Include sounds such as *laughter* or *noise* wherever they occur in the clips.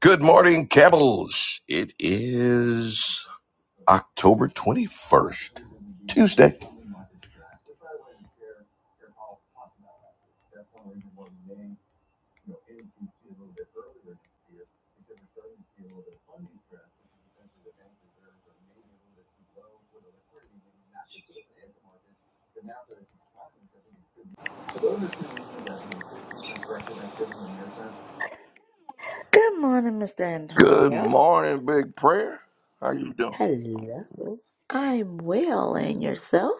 Good morning, Camels. It is October 21st, Tuesday. Good morning, Mr. Good Antonio. morning, Big Prayer. How you doing? Hello. I'm well, and yourself?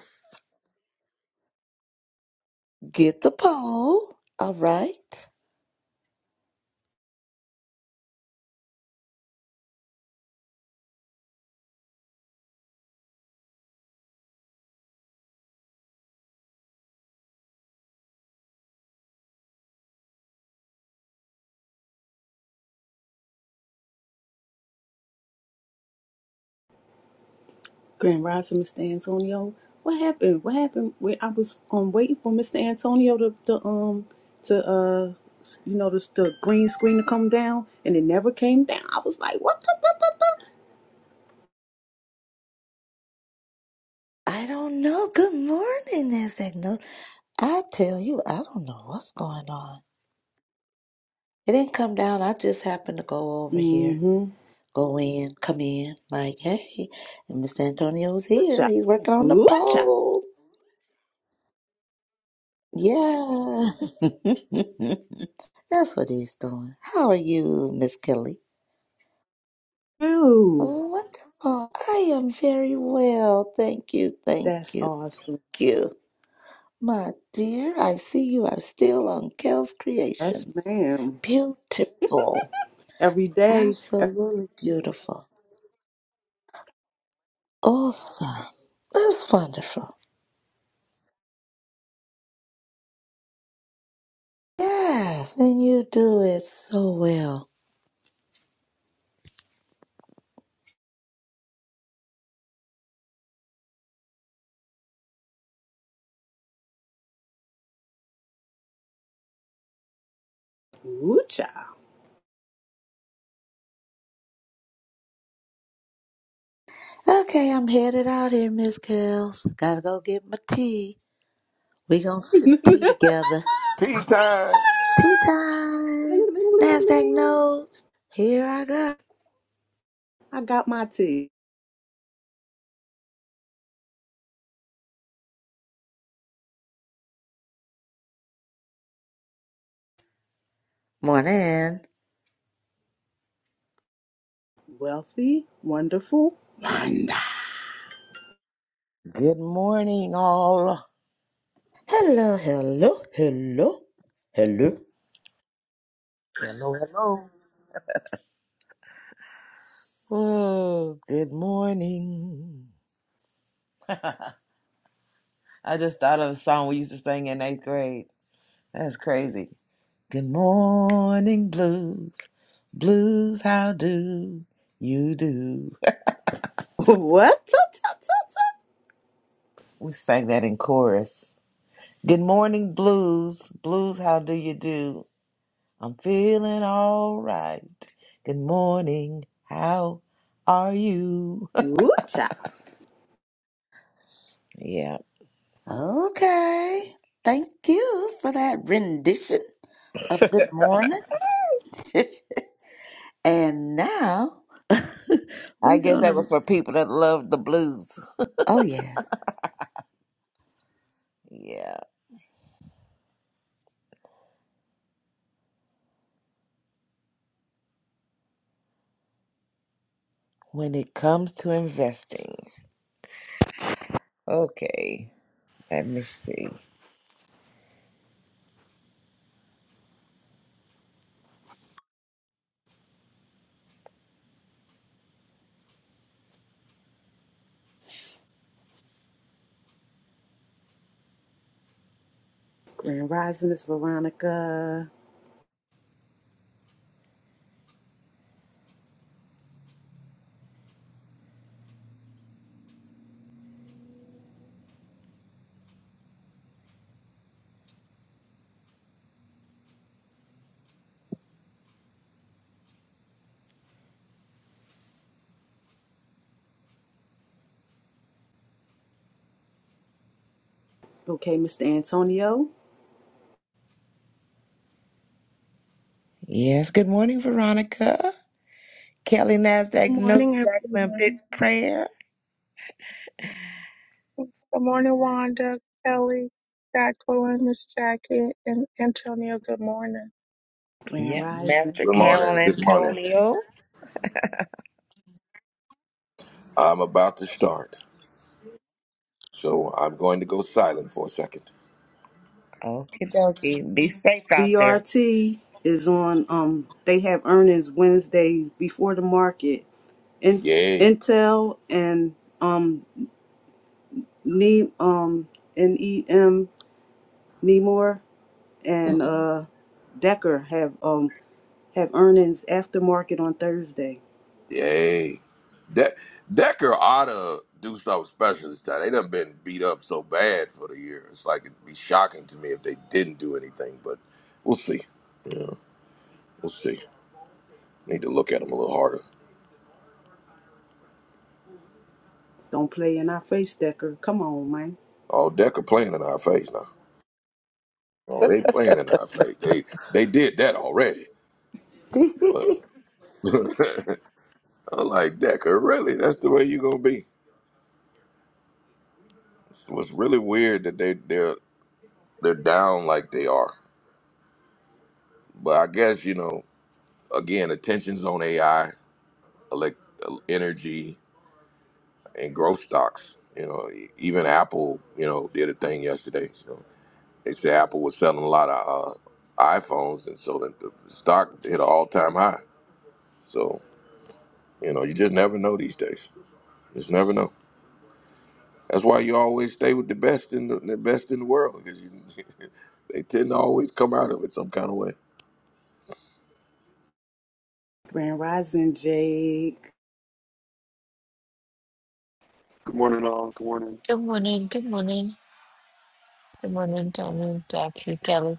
Get the poll. All right. Grand Rising, Mr. Antonio. What happened? What happened? Wait, I was um waiting for Mr. Antonio to, to um to uh you know the, the green screen to come down, and it never came down. I was like, what? the the? the? I don't know. Good morning, Insegno. I tell you, I don't know what's going on. It didn't come down. I just happened to go over here, Mm-hmm. go in, come in, like, hey, and Mr. Antonio's here. Ooh-cha. He's working on the Ooh-cha. poll. Yeah. *laughs* That's what he's doing. How are you, Miss Kelly? Ooh, Wonderful. I am very well. Thank you, thank that's you, awesome. thank you. My dear, I see you are still on Kel's Yes, Creations. ma'am. Beautiful. Every day. ev- Absolutely beautiful. Awesome. That's wonderful. Yes, and you do it so well. Ooh-cha. Okay, I'm headed out here, Miss Kells. Gotta go get my tea. We gonna *laughs* sip tea together. Tea Tea time. Tea time! time. Bling, bling, bling, NASDAQ bling. notes. Here I go. I got my tea. Morning. Wealthy, wonderful, Wanda. Good morning, all. Hello, hello, hello, hello. Hello, hello. Whoa, good morning. I just thought of a song we used to sing in eighth grade. That's crazy. Good morning, blues. Blues, how do you do? *laughs* What? Tut, tut, tut, We sang that in chorus. Good morning, blues. Blues, how do you do? I'm feeling all right. Good morning, how are you? tut. Ooh, child. *laughs* Yeah. Okay. Thank you for that rendition of good morning. *laughs* and now *laughs* I we're guess going that was to. for people that love the blues. *laughs* Oh, yeah. yeah. When it comes to investing. Okay. Let me see. Grand Rising, Miss Veronica. Okay, Mr. Antonio. Yes. Good morning, Veronica. Kelly Good Nasdaq, Note morning, Jacqueline, Big everyone. Prayer. Good morning, Wanda, Kelly, Jacqueline, Miss Jackie, and Antonio. Good morning. Grand Yep. Rising. Master Good Carol morning. Good morning. Antonio. I'm about to start, so I'm going to go silent for a second. Okie dokie. Be safe out there. VRT is on. Um, they have earnings Wednesday before the market. In, Yay. Intel and um, ne- um, NEM, Nemor and uh, Decker have um have earnings after market on Thursday. Yay. De- Decker ought to do something special this time. They done been beat up so bad for the year. It's like it'd be shocking to me if they didn't do anything, but we'll see. Yeah, we'll see. Need to look at them a little harder. Don't play in our face, Decker. Come on, man. Oh, Decker playing in our face now. Oh, they playing in our face. They they did that already. *laughs* But *laughs* I'm like Decker, really? That's the way you gonna be? It was really weird that they they're they're down like they are. But I guess you know again, attention's on AI, elect, energy, and growth stocks. You know, e- even Apple, you know, did a thing yesterday. So they said Apple was selling a lot of uh, iPhones, and so the, the stock hit an all time high. So You know, you just never know these days. You just never know. That's why you always stay with the best in the, the best in the world because you, *laughs* they tend to always come out of it some kind of way. Grand Rising, Jake. Good morning, all. Good morning. Good morning, good morning, good morning, Tony, Jackie, Kelly,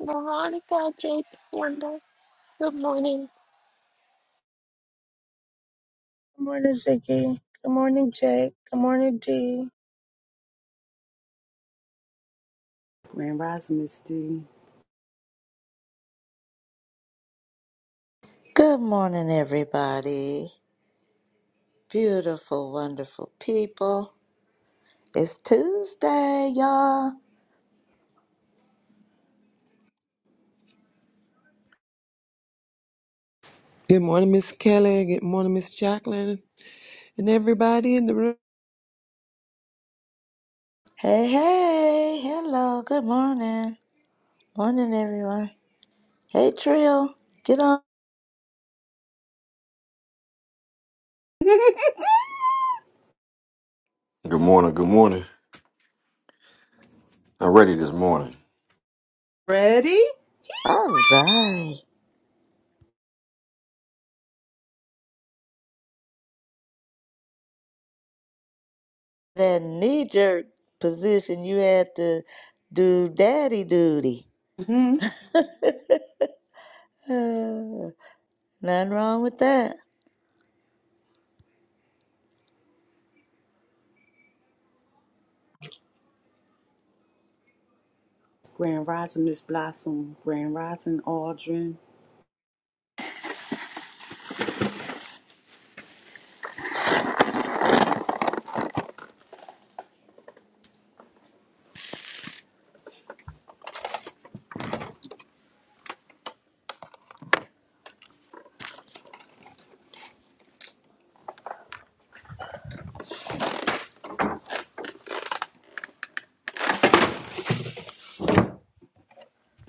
Veronica, Jake, Wanda. Good morning. Good morning, Ziggy. Good morning, Jake. Good morning, Dee. Grand Rising, Misty. good morning, everybody. Beautiful, wonderful people. It's Tuesday, y'all. Good morning, Miss Kelly. Good morning, Miss Jacqueline, and everybody in the room. Hey, hey. Hello. Good morning. Morning, everyone. Hey, Trill. Get on. *laughs* Good morning. Good morning. I'm ready this morning. Ready? All right. that knee jerk position, you had to do daddy duty. *sighs* hmm Uh, nothing wrong with that. Grand Rising, Miss Blossom. Grand Rising, Aldrin.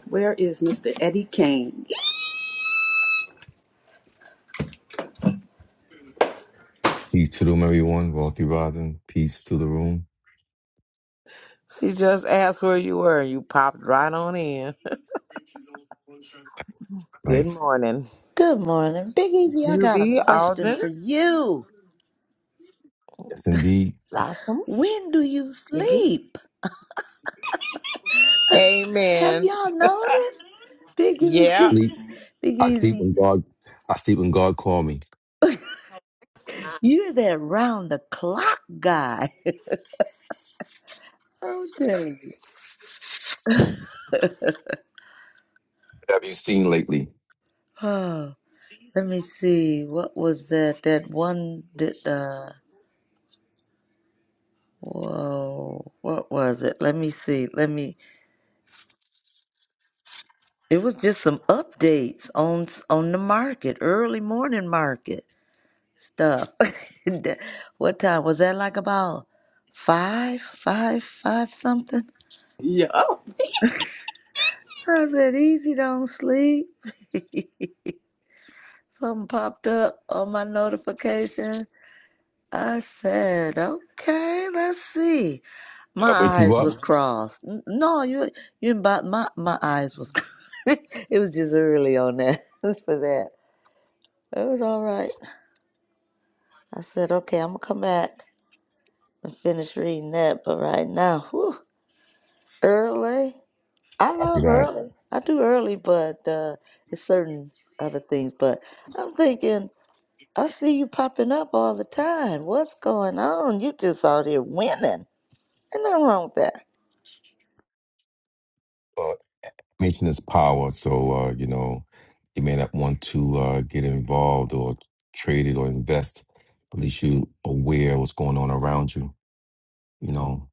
Where is Mr. Eddie Kane? Peace to the room, everyone. Wealthy Robin. Peace to the room. She just asked where you were. You popped right on in. Good Nice. morning. Good morning. Big Easy, I got a Juvie, question Alden, for you. Yes, indeed. Blossom, When do you Nikki. sleep? Have Amen. y'all *laughs* noticed? Big I yeah. Easy, sleep. *laughs* Big I sleep Easy, when God. I sleep when God call me. you're that round the clock guy. *laughs* I'm telling you. What have you seen lately? *sighs* Oh, let me see. What was that? That one that, uh, Whoa, what was it? Let me see. Let me It was just some updates on on the market, early morning market stuff. *laughs* That- what time was that? Like about five, five, five something. *laughs* Yup. I said, "Easy, don't sleep." *laughs* Something popped up on my notification. I said, "Okay, let's see." Did My I wake you eyes up? was Mhm. crossed. N- No, you you about my my eyes was. *laughs* it was just early on that *laughs* for that. It was all right. I said, okay, I'm gonna come back and finish reading that. But right now, whew, early. I Copy love that. early. I do early, but uh, it's certain other things. But I'm thinking, I see you popping up all the time. What's going on? You just out here winning. Ain't nothing wrong with that. Uh, mention is power. So uh, you know, you may not want to uh, get involved or trade it or invest. At least you aware of what's going on around you. You know,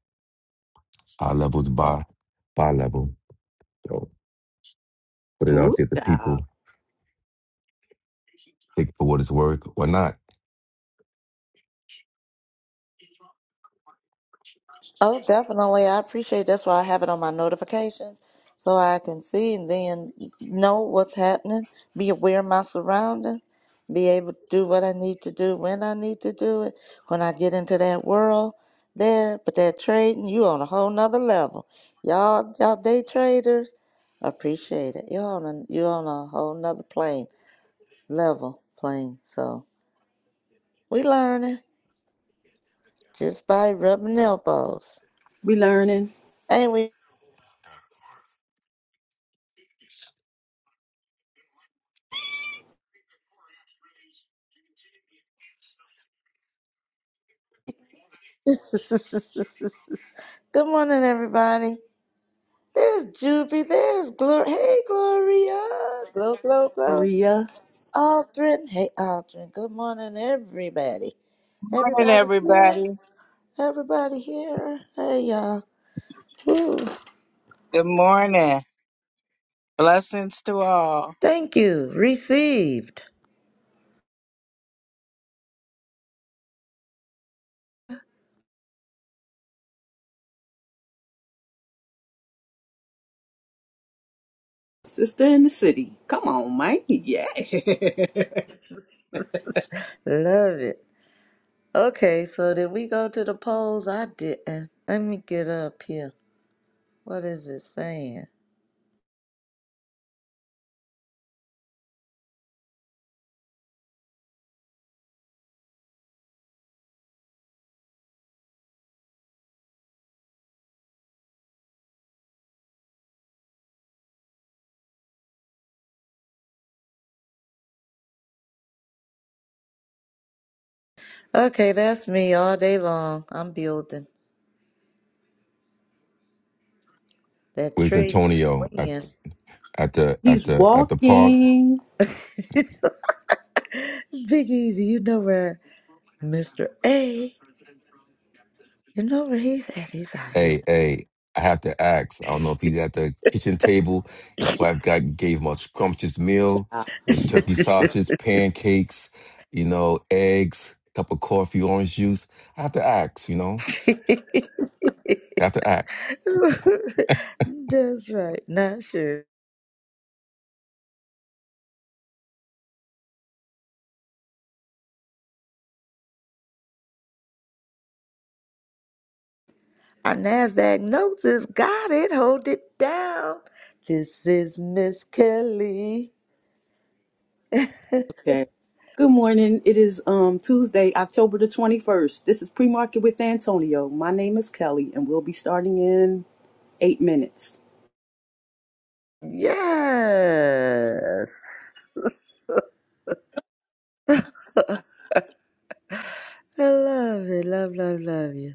high levels by by level. So put it Ooh, out there to child. people. Take it for what it's worth or not. Oh, definitely. I appreciate that's why I have it on my notifications so I can see and then know what's happening, be aware of my surroundings, be able to do what I need to do when I need to do it. When I get into that world there, but that trading, you on a whole nother level. Y'all y'all day traders, appreciate it. You're on a you on a whole nother plane, level plane. So we learning just by rubbing elbows. We learning. Ain't we? *laughs* Good morning, everybody. There's Juby. There's Gloria. Hey, Gloria. Glow, glow, glow. Maria, Aldrin. Hey, Aldrin. Good morning, everybody. morning, Everybody here. everybody. Everybody here. Hey, y'all. Woo. Good morning. Blessings to all. Thank you. Received. sister in the city. Come on, Mike. Yeah. *laughs* Love it. Okay, so did we go to the polls? I didn't. Let me get up here. What is it saying? Okay, that's me all day long. I'm building that Where's trade to Antonio? win. at the at He's the at the park. walking. *laughs* Big Easy, you know where Mr. A, you know where he's at. He's out here. Hey, hey, I have to ask. I don't know if he's at the kitchen table. His wife got gave him a scrumptious meal with turkey sausage, pancakes, you know, eggs, cup of coffee, orange juice. I have to ask, you know. I have *laughs* to ask. That's right. Not sure. Our NASDAQ notes is got it. Hold it down. This is Miss Kelly. Okay. Good morning. It is um Tuesday, October the 21st. This is Pre-Market with Antonio. My name is Kelly and we'll be starting in 8 minutes. Yes. *laughs* I love it. Love, love, love you.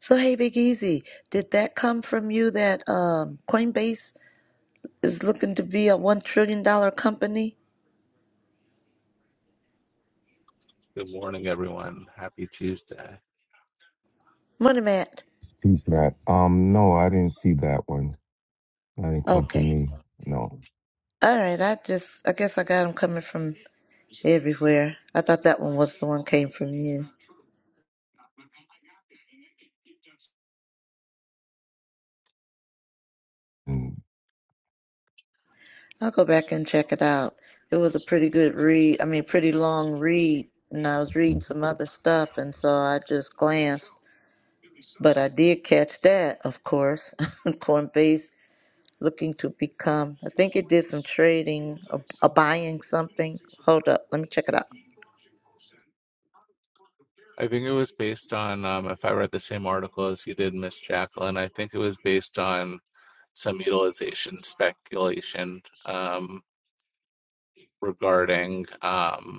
So, hey, Big Easy, did that come from you that um, Coinbase is looking to be a $1 trillion dollar company? Good morning, everyone. Happy Tuesday. Money, Matt. Peace, Matt. Um, no, I didn't see that one. That didn't come for Okay. me. No. All right. I just, I guess I got them coming from everywhere. I thought that one was the one came from you. Mm. I'll go back and check it out. It was a pretty good read. I mean, pretty long read. And I was reading some other stuff. And so I just glanced. But I did catch that, of course. *laughs* Coinbase looking to become, I think it did some trading or, or buying something. Hold up. Let me check it out. I think it was based on, um, if I read the same article as you did, Miss Jacqueline, I think it was based on some utilization speculation um, regarding. um,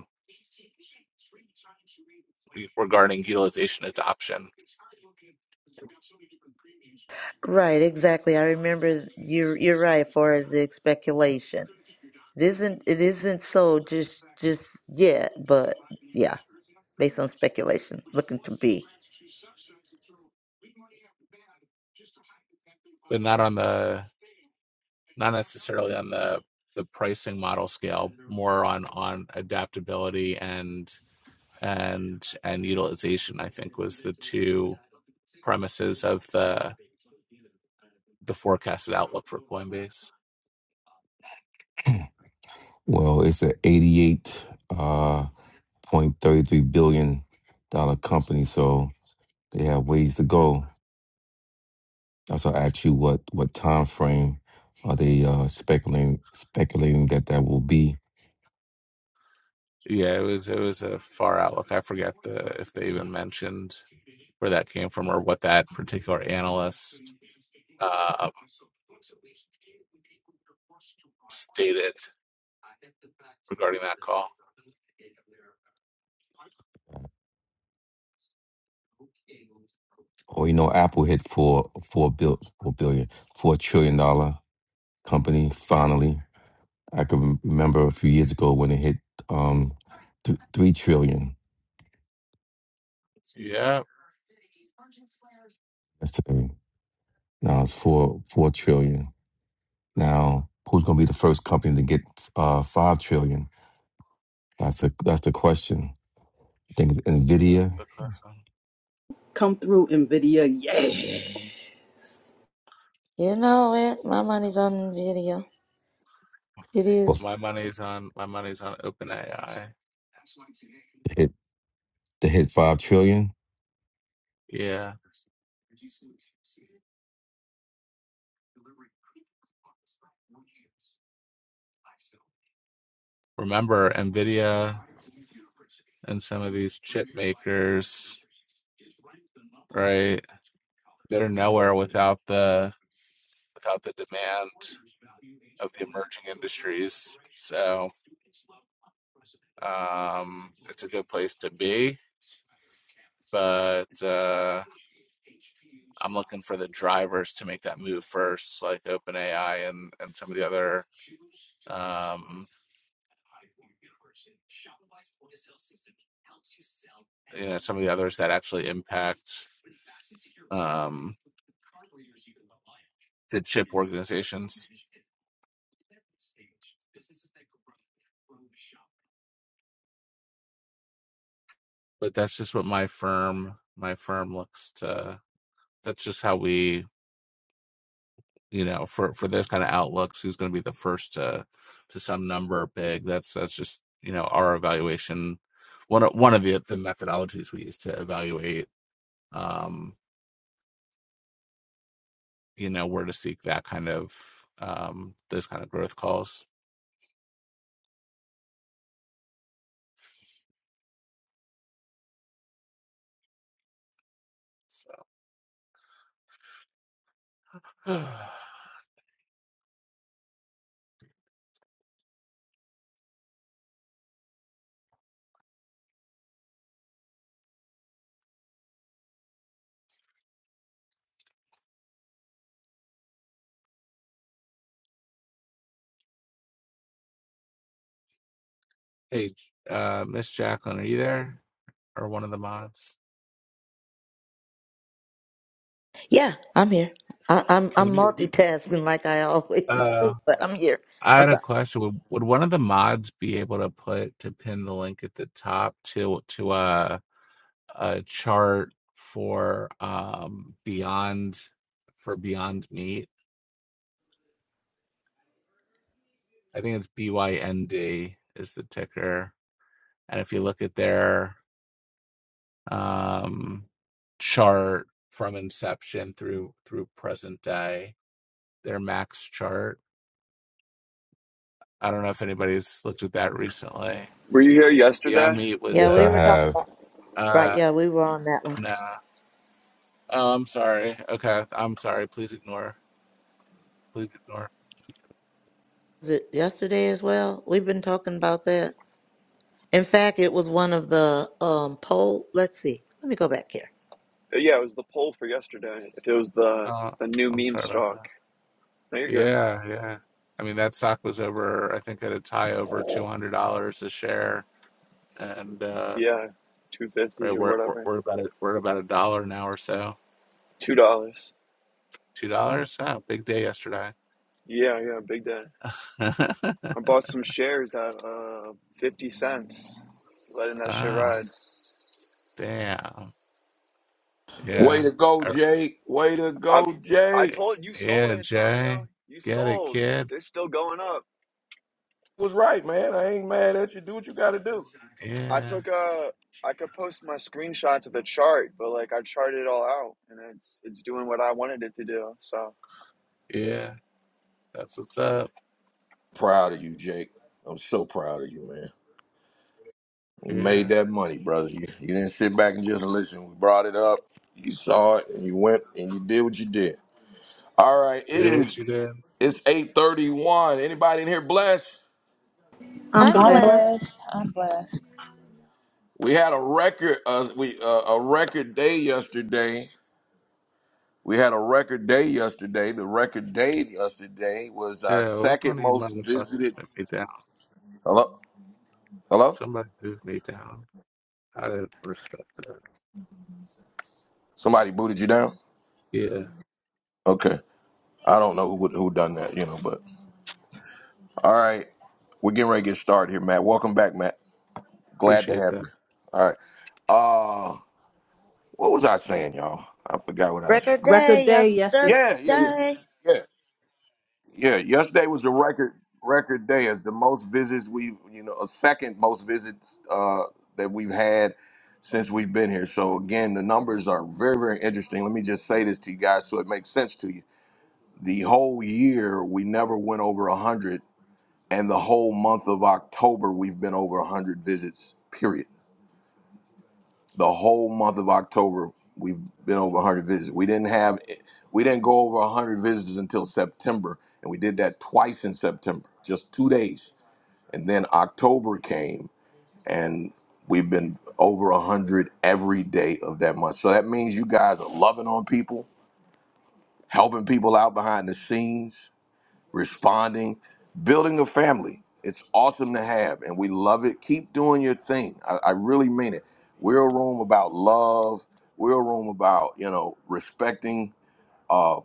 regarding utilization adoption. Right. Exactly. I remember you're, you're right as far as the speculation. It isn't it isn't so just just yet, but yeah, based on speculation, looking to be. but not on the not necessarily on the the pricing model scale more on on adaptability and and and utilization i think was the two premises of the the forecasted outlook for Coinbase. Well, it's an eighty-eight uh, point thirty-three billion dollar company, so they have ways to go. That's why I asked you what what time frame are they uh, speculating speculating that that will be. Yeah, it was it was a far outlook. I forget the if they even mentioned where that came from or what that particular analyst uh, stated regarding that call. Or you know, Apple hit four four bill four billion four trillion dollar company finally. I can remember a few years ago when it hit um th- three trillion. Yeah, That's the thing. Now it's four four trillion. Now, who's going to be the first company to get uh, five trillion? That's the that's the question. I think that's Nvidia the question. Come through Nvidia. Yeah. You know it. My money's on video. It will is. My money's on my money's on OpenAI. hit to hit five trillion. Yeah, remember Nvidia and some of these chip makers, right? They're nowhere without the without the demand. of the emerging industries. So um, it's a good place to be, but uh, I'm looking for the drivers to make that move first, like OpenAI and and some of the other um, you know some of the others that actually impact um, the chip organizations. But that's just what my firm my firm looks to. That's just how we you know, for for those kind of outlooks, who's going to be the first to to some number big? That's that's just you know our evaluation. One of, one of the the methodologies we use to evaluate, um, you know, where to seek that kind of um, those kind of growth calls. So, *sighs* hey, uh, Miss Jacqueline, are you there or one of the mods? Yeah, I'm here. I, I'm Can I'm *laughs* you? multitasking like I always Uh, do, but I'm here. I had What's a up? question. Would, would one of the mods be able to put to pin the link at the top to to uh a chart for um Beyond for Beyond Meat. I think it's BYND is the ticker. And if you look at their um chart from inception through through present day, their max chart. I don't know if anybody's looked at that recently. Were you here yesterday? Beyond Meat was Yeah, Yes, we I a were talking have about right. uh Yeah, we were on that one. nah. Oh, I'm sorry. Okay, I'm sorry. Please ignore. Please ignore. Was it yesterday as well? We've been talking about that. In fact, it was one of the um poll. Let's see. Let me go back here. Uh, Yeah, it was the poll for yesterday. If it was the Uh, the new I'm meme sorry about stock. that. No, you're good. Yeah, yeah. I mean, that stock was over, I think at a high over $200 a share. And uh, Yeah, two right, fifty or we're, we're, whatever. we're about a, we're about a dollar now or so. Two dollars. Two dollars? Oh, big day yesterday. Yeah, yeah, big day. I *laughs* bought some shares at uh fifty cents, letting that shit Oh, ride. damn. Way Yeah. to go, I- Jake. Way to I go, I Jake. told you sold Yeah, Antonio. Jay. You Get it, sold. kid. They're still going up. Was right, man. I ain't mad at you. Do what you got to do. I Yeah. took a. I could post my screenshots of the chart, but like I charted it all out, and it's it's doing what I wanted it to do. So Yeah. That's what's up. Proud of you, Jake. I'm so proud of you, man. You made Yeah. that money, brother. You, you didn't sit back and just listen. We brought it up. You saw it, and you went and you did what you did. All right, it Deal with is. you then. It's eight thirty-one. Anybody in here blessed? I'm I'm I'm blessed. blessed. blessed. I'm blessed. We had a record uh, we uh, a record day yesterday. We had a record day yesterday. The record day yesterday was our Yeah, which second one of you most motherfuckers visited. let me down? Hello, hello. Somebody moved me down. I didn't respect that. Somebody booted you down. Yeah, Okay, I don't know who who done that, you know. But all right, we're getting ready to get started here, Matt. Welcome back, Matt. Glad to appreciate have that. you. All right. Uh, what was I saying, y'all? I forgot what I was saying. Record day Record day yesterday. Yeah, yeah, yeah, yesterday. yeah. Yeah, yesterday was the record record day as the most visits we've you know a second most visits uh, that we've had since we've been here. So again, the numbers are very very interesting. Let me just say this to you guys so it makes sense to you. The whole year we never went over a hundred, and the whole month of October we've been over a hundred visits. Period the whole month of October, we've been over 100 visitors. We didn't have, we didn't go over 100 visitors until September, and we did that twice in September, just two days. And then October came, and we've been over 100 every day of that month. So that means you guys are loving on people, helping people out behind the scenes responding, building a family. It's awesome to have, and we love it. Keep doing your thing. I, I really mean it. We're a room about love. We're a room about you know respecting uh,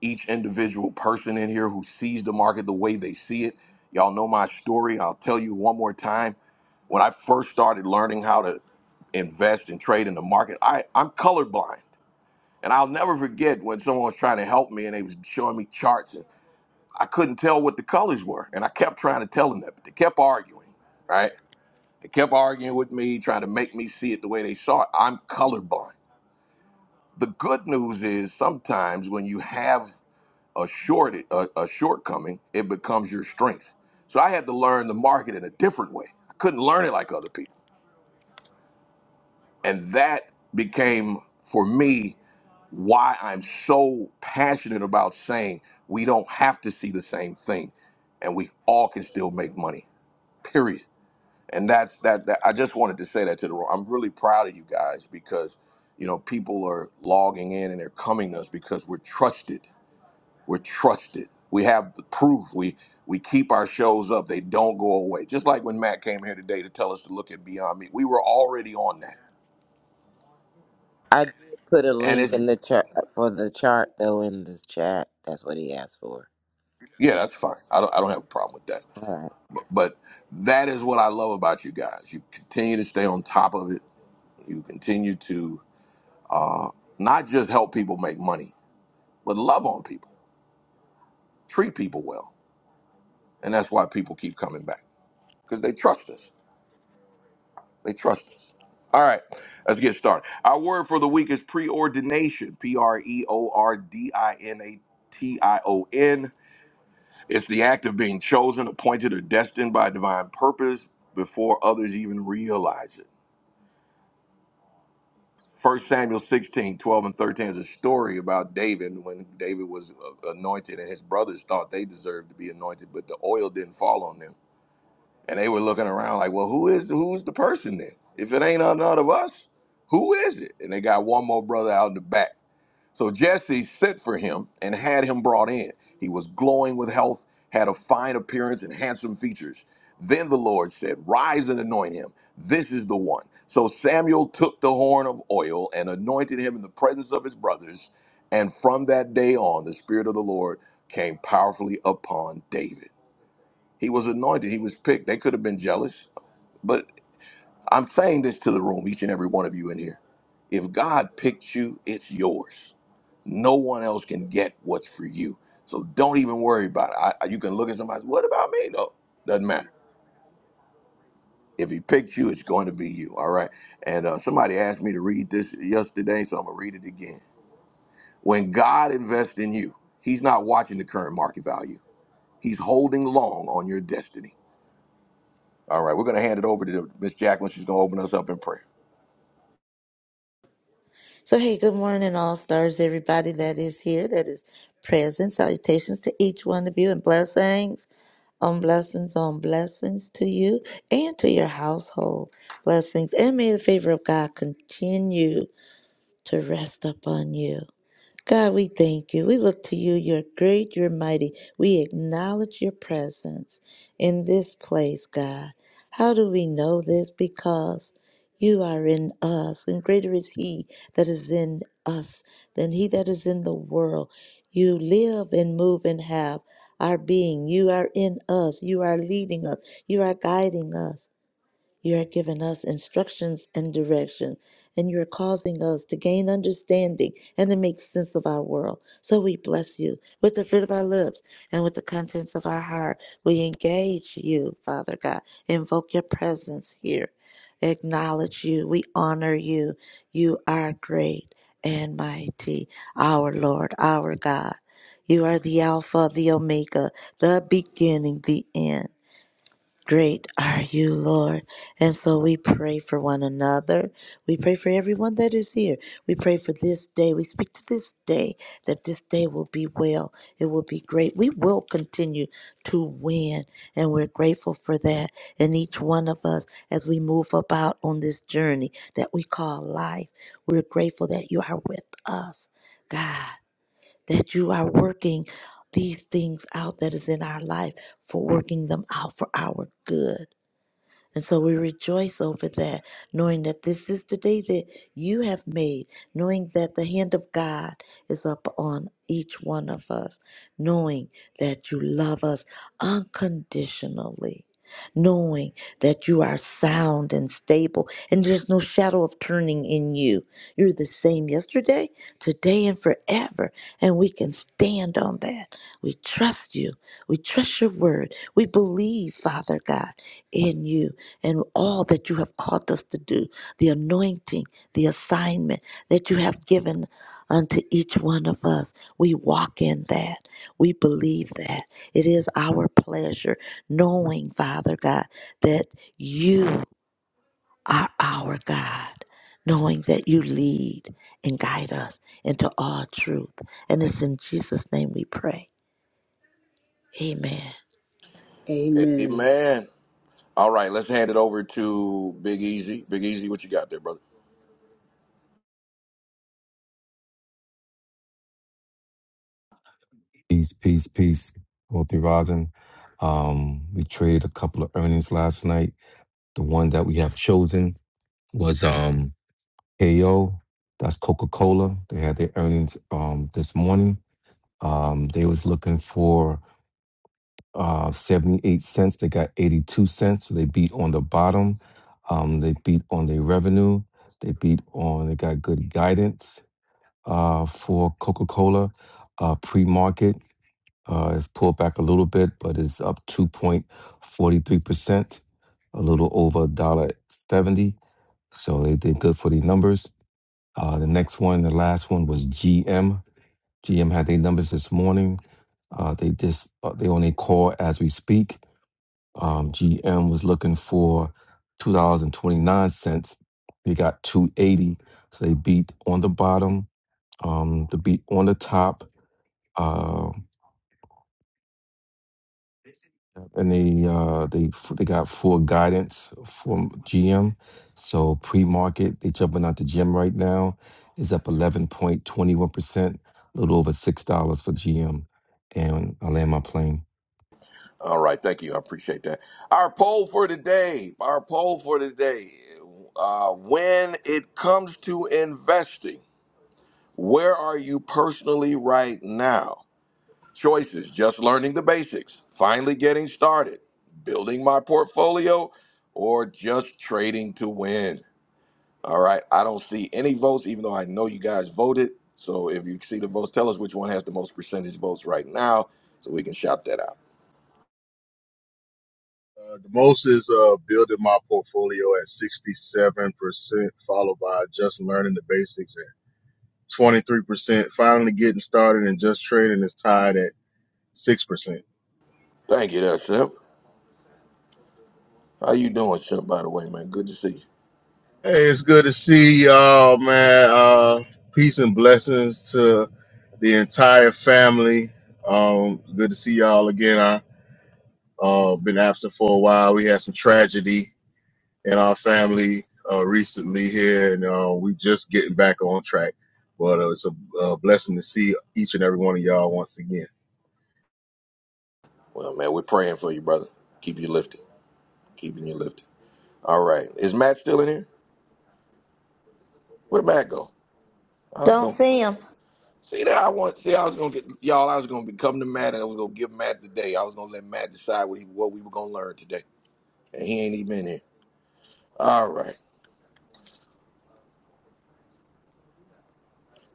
each individual person in here who sees the market the way they see it. Y'all know my story. I'll tell you one more time. When I first started learning how to invest and trade in the market. I, I'm colorblind. And I'll never forget when someone was trying to help me and they was showing me charts. I couldn't tell what the colors were. And I kept trying to tell them that, but they kept arguing, right? They kept arguing with me, trying to make me see it the way they saw it. I'm colorblind. The good news is sometimes when you have a short a, a shortcoming, it becomes your strength. So I had to learn the market in a different way. I couldn't learn it like other people. And that became for me why I'm so passionate about saying we don't have to see the same thing and we all can still make money. Period. and that's that, that i just wanted to say that to the room i'm really proud of you guys because you know people are logging in and they're coming to us because we're trusted we're trusted we have the proof we we keep our shows up they don't go away just like when matt came here today to tell us to look at beyond me we were already on that I did put a and link it's in the chart for the chart though in the chat. That's what he asked for. yeah that's fine i don't, I don't have a problem with that All right. but that is what i love about you guys you continue to stay on top of it you continue to uh, not just help people make money but love on people treat people well. And that's why people keep coming back because they trust us. They trust us. All right, let's get started. Our word for the week is preordination P R E O R D I N A T I O N. It's the act of being chosen, appointed, or destined by divine purpose before others even realize it. First Samuel 16 12 and 13 is a story about David when David was uh, anointed, and his brothers thought they deserved to be anointed, but the oil didn't fall on them. And they were looking around like, well, who is the, who's the person then? If it ain't none of us, who is it? And they got one more brother out in the back. So Jesse sent for him and had him brought in. He was glowing with health, had a fine appearance and handsome features. Then the Lord said, Rise and anoint him. This is the one. So Samuel took the horn of oil and anointed him in the presence of his brothers. And from that day on, the Spirit of the Lord came powerfully upon David. He was anointed. He was picked. They could have been jealous. But I'm saying this to the room, each and every one of you in here. If God picked you, it's yours. No one else can get what's for you. So don't even worry about it. I, I- you can look at somebody, what about me? No, doesn't matter. If he picked you, it's going to be you. All right. And uh, somebody asked me to read this yesterday, so I'm going to read it again. When God invests in you, he's not watching the current market value, he's holding long on your destiny. All right, we're going to hand it over to Miss Jacqueline. She's going to open us up in prayer. So, hey, good morning, all stars, everybody that is here, that is present. Salutations to each one of you, and blessings on blessings on blessings to you and to your household. Blessings, and may the favor of God continue to rest upon you. God, we thank you. We look to you. You're great, you're mighty. We acknowledge your presence in this place, God. How do we know this? Because you are in us, and greater is He that is in us than He that is in the world. You live and move and have our being. You are in us. You are leading us. You are guiding us. You are giving us instructions and direction, and you are causing us to gain understanding and to make sense of our world. So we bless you with the fruit of our lips and with the contents of our heart. We engage you, Father God. Invoke your presence here. Acknowledge you. We honor you. You are great and mighty, our Lord, our God. You are the Alpha, the Omega, the beginning, the end. Great are you, Lord. And so we pray for one another. We pray for everyone that is here. We pray for this day. We speak to this day that this day will be well. It will be great. We will continue to win. And we're grateful for that. And each one of us, as we move about on this journey that we call life, we're grateful that you are with us, God that you are working these things out that is in our life for working them out for our good. And so we rejoice over that, knowing that this is the day that you have made, knowing that the hand of God is up on each one of us, knowing that you love us unconditionally, knowing that you are sound and stable, and there's no shadow of turning in you. You're the same yesterday, today, and forever. And we can stand on that. We trust you. We trust your word. We believe, Father God, in you and all that you have called us to do, the anointing, the assignment that you have given unto each one of us. We walk in that. We believe that. It is our pleasure knowing, Father God, that you are our God. Knowing that you lead and guide us into all truth. And it's in Jesus' name we pray. Amen. Amen. Amen. All right, let's hand it over to Big Easy. Big Easy, what you got there, brother? peace, peace, peace. Multi Rosin. Um, we traded a couple of earnings last night. The one that we have chosen was um KO. That's Coca Cola. They had their earnings um this morning. Um, they was looking for uh, 78 cents. They got 82 cents. So they beat on the bottom. Um, they beat on their revenue. They beat on, they got good guidance uh, for Coca Cola. Uh, Pre market uh, is pulled back a little bit, but it's up 2.43%, a little over a dollar seventy. So they did good for the numbers. Uh, the next one, the last one was GM. GM had their numbers this morning. Uh, they just uh, they on a call as we speak. Um, GM was looking for two dollars and twenty nine cents. They got two eighty, so they beat on the bottom. Um, the beat on the top. uh, and they uh, they f- they got full guidance from GM. So pre-market, they jumping out the gym right now is up eleven point twenty one percent, a little over six dollars for GM. And I land my plane. All right, thank you. I appreciate that. Our poll for today, our poll for today. Uh, when it comes to investing, where are you personally right now? Choices just learning the basics, finally getting started, building my portfolio, or just trading to win. All right. I don't see any votes, even though I know you guys voted. So if you see the votes, tell us which one has the most percentage votes right now so we can shop that out. Uh, the most is uh, building my portfolio at 67%, followed by just learning the basics at 23%. Finally getting started and just trading is tied at 6%. Thank you there, Simp. How you doing, Simp, by the way, man? Good to see you. Hey, it's good to see y'all, man. Uh, peace and blessings to the entire family. Um, good to see y'all again. I uh been absent for a while. We had some tragedy in our family uh, recently here, and uh, we just getting back on track. But uh, it's a, uh blessing to see each and every one of y'all once again. Well, man, we're praying for you, brother. Keep you lifted. Keeping you lifted. All right. Is Matt still in here? Where'd Matt go? I was Don't gonna see him. see that I want see I was gonna get y'all, I was gonna be coming to Matt and I was gonna give Matt the day. I was gonna let Matt decide what he what we were gonna learn today. And he ain't even in here. All right.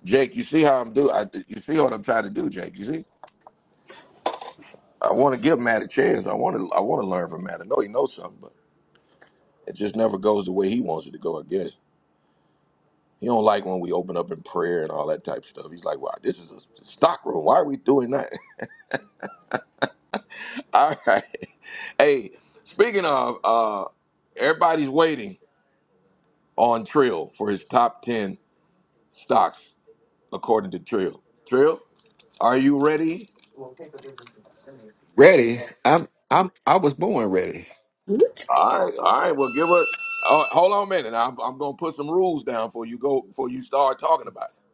Jake, you see how I'm do? I, you see what I'm trying to do, Jake? You see, I want to give Matt a chance. I want to. I want to learn from Matt. I know he knows something, but it just never goes the way he wants it to go. I guess he don't like when we open up in prayer and all that type of stuff. He's like, "Wow, this is a stock room. Why are we doing that?" *laughs* all right. Hey, speaking of, uh, everybody's waiting on Trill for his top ten stocks according to Trill. Trill, are you ready? Ready? I'm I'm I was born ready. What? All right, all right. Well, give it. Oh, hold on a minute. I'm, I'm gonna put some rules down for you go before you start talking about it.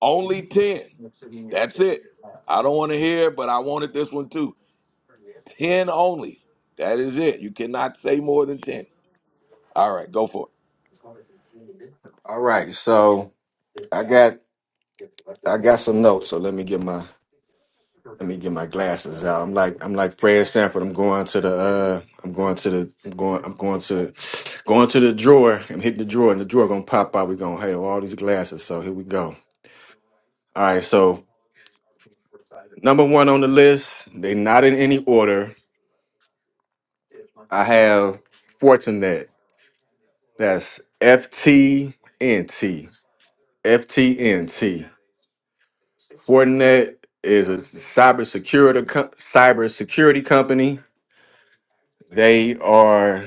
Only ten. That's it. I don't want to hear, but I wanted this one too. Ten only. That is it. You cannot say more than ten. All right, go for it. All right. So I got I got some notes. So let me get my let me get my glasses out. I'm like I'm like Fred Sanford. I'm going to the uh I'm going to the I'm going I'm going to the, going to the drawer. I'm hitting the drawer and the drawer gonna pop out. We're gonna have all these glasses. So here we go. All right. So number one on the list. They not in any order. I have Fortinet. That's F T N T. FTNT. Fortinet is a cybersecurity co- cybersecurity company. They are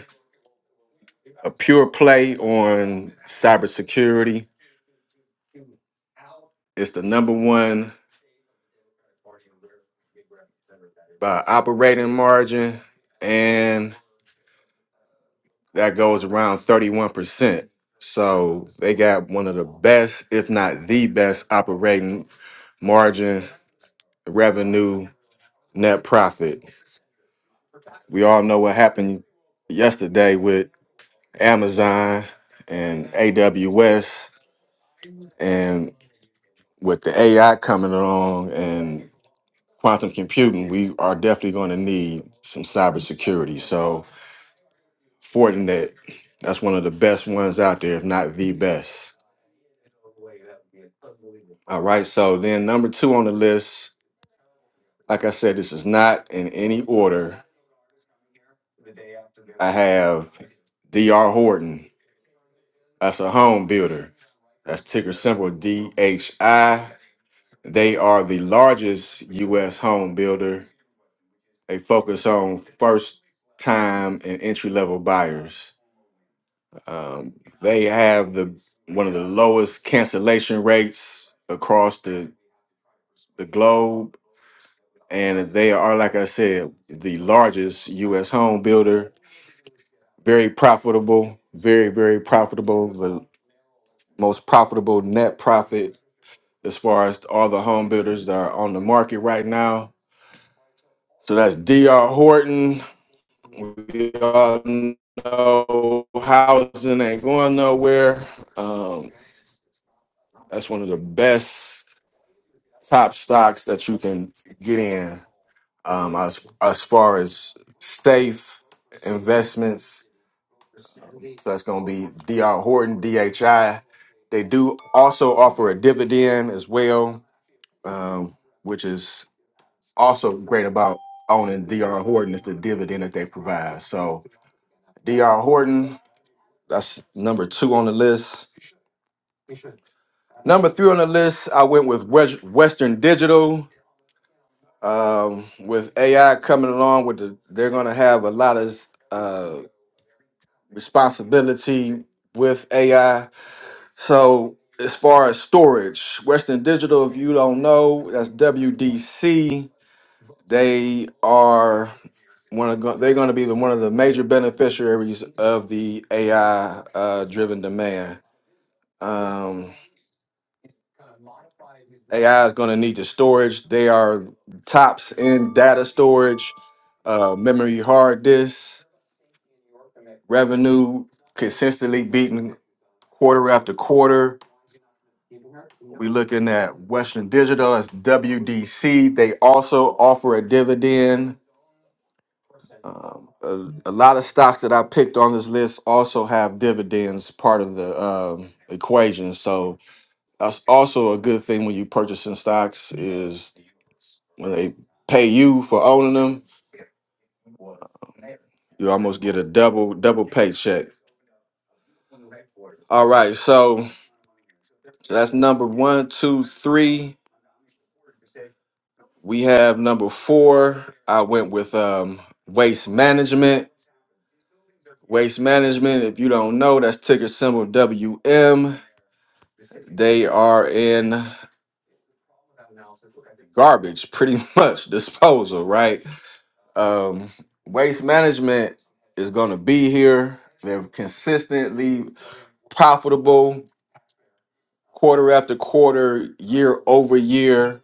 a pure play on cybersecurity. It's the number one by operating margin, and that goes around 31%. So they got one of the best, if not the best, operating margin, revenue, net profit. We all know what happened yesterday with. Amazon and AWS, and with the AI coming along and quantum computing, we are definitely going to need some cybersecurity. So Fortinet, that's one of the best ones out there, if not the best. All right. So then number two on the list, like I said, this is not in any order. I have D R Horton. That's a home builder. That's ticker symbol DHI. They are the largest U.S. home builder. They focus on first time and entry level buyers. Um, they have the one of the lowest cancellation rates across the, the globe. And they are, like I said, the largest U.S. home builder. Very profitable, very, very profitable. The most profitable net profit as far as all the home builders that are on the market right now. So that's D.R. Horton. we all know housing ain't going nowhere. Um, that's one of the best top stocks that you can get in um, as, as far as safe investments. So that's going to be DR Horton, DHI. They do also offer a dividend as well, um, which is also great about owning DR Horton is the dividend that they provide. So DR Horton That's number two on the list. Number three on the list, I went with Wes- Western Digital. Um, with AI coming along, with the, they're going to have a lot of uh, responsibility with AI. So as far as storage, Western Digital, if you don't know, that's WDC. They are one of go- they're going to be the, one of the major beneficiaries of the AI uh, driven demand. Um, AI is going to need the storage. They are tops in data storage, uh, memory hard disk, revenue consistently beating quarter after quarter. We're looking at Western Digital, that's WDC. They also offer a dividend. Um, a, a lot of stocks that I picked on this list also have dividends part of the um, equation. So That's also a good thing when you purchasing stocks is when they pay you for owning them, you almost get a double double paycheck. All right, so that's number one, two, three. We have number four. I went with um, waste management. Waste management, if you don't know, that's ticker symbol WM. They are in garbage, pretty *laughs* much disposal, right? Um, waste management is going to be here. They're consistently profitable quarter after quarter, year over year.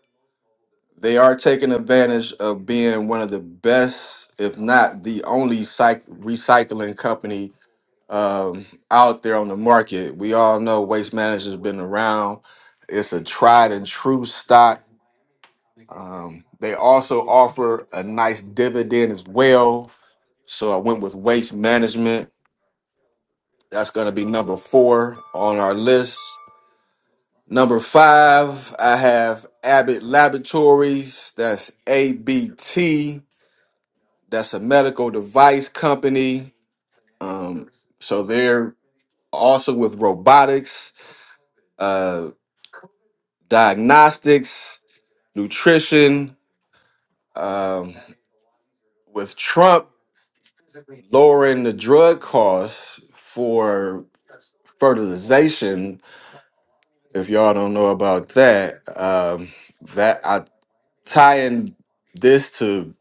They are taking advantage of being one of the best, if not the only cyc- recycling company um, out there on the market. We all know Waste Management's been around. It's a tried and true stock. Um, they also offer a nice dividend as well So I went with waste management. That's going to be number four on our list. Number five, I have Abbott Laboratories. That's ABT. That's a medical device company. Um, so they're also with robotics, uh, diagnostics, nutrition. Um, with Trump lowering the drug costs for fertilization, If y'all don't know about that, um, that I tie in this to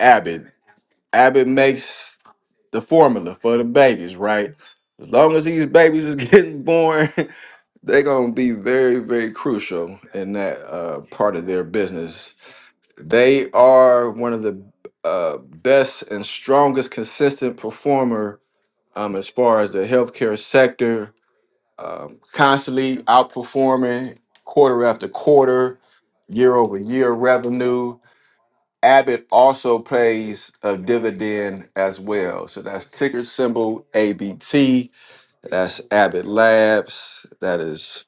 Abbott. Abbott makes the formula for the babies, right? As long as these babies is *laughs* getting born, they're gonna be very, very crucial in that uh, part of their business. They are one of the uh, best and strongest consistent performer um, as far as the healthcare sector, um, constantly outperforming quarter after quarter year-over-year revenue. Abbott also pays a dividend as well. So that's ticker symbol ABT. That's Abbott Labs. That is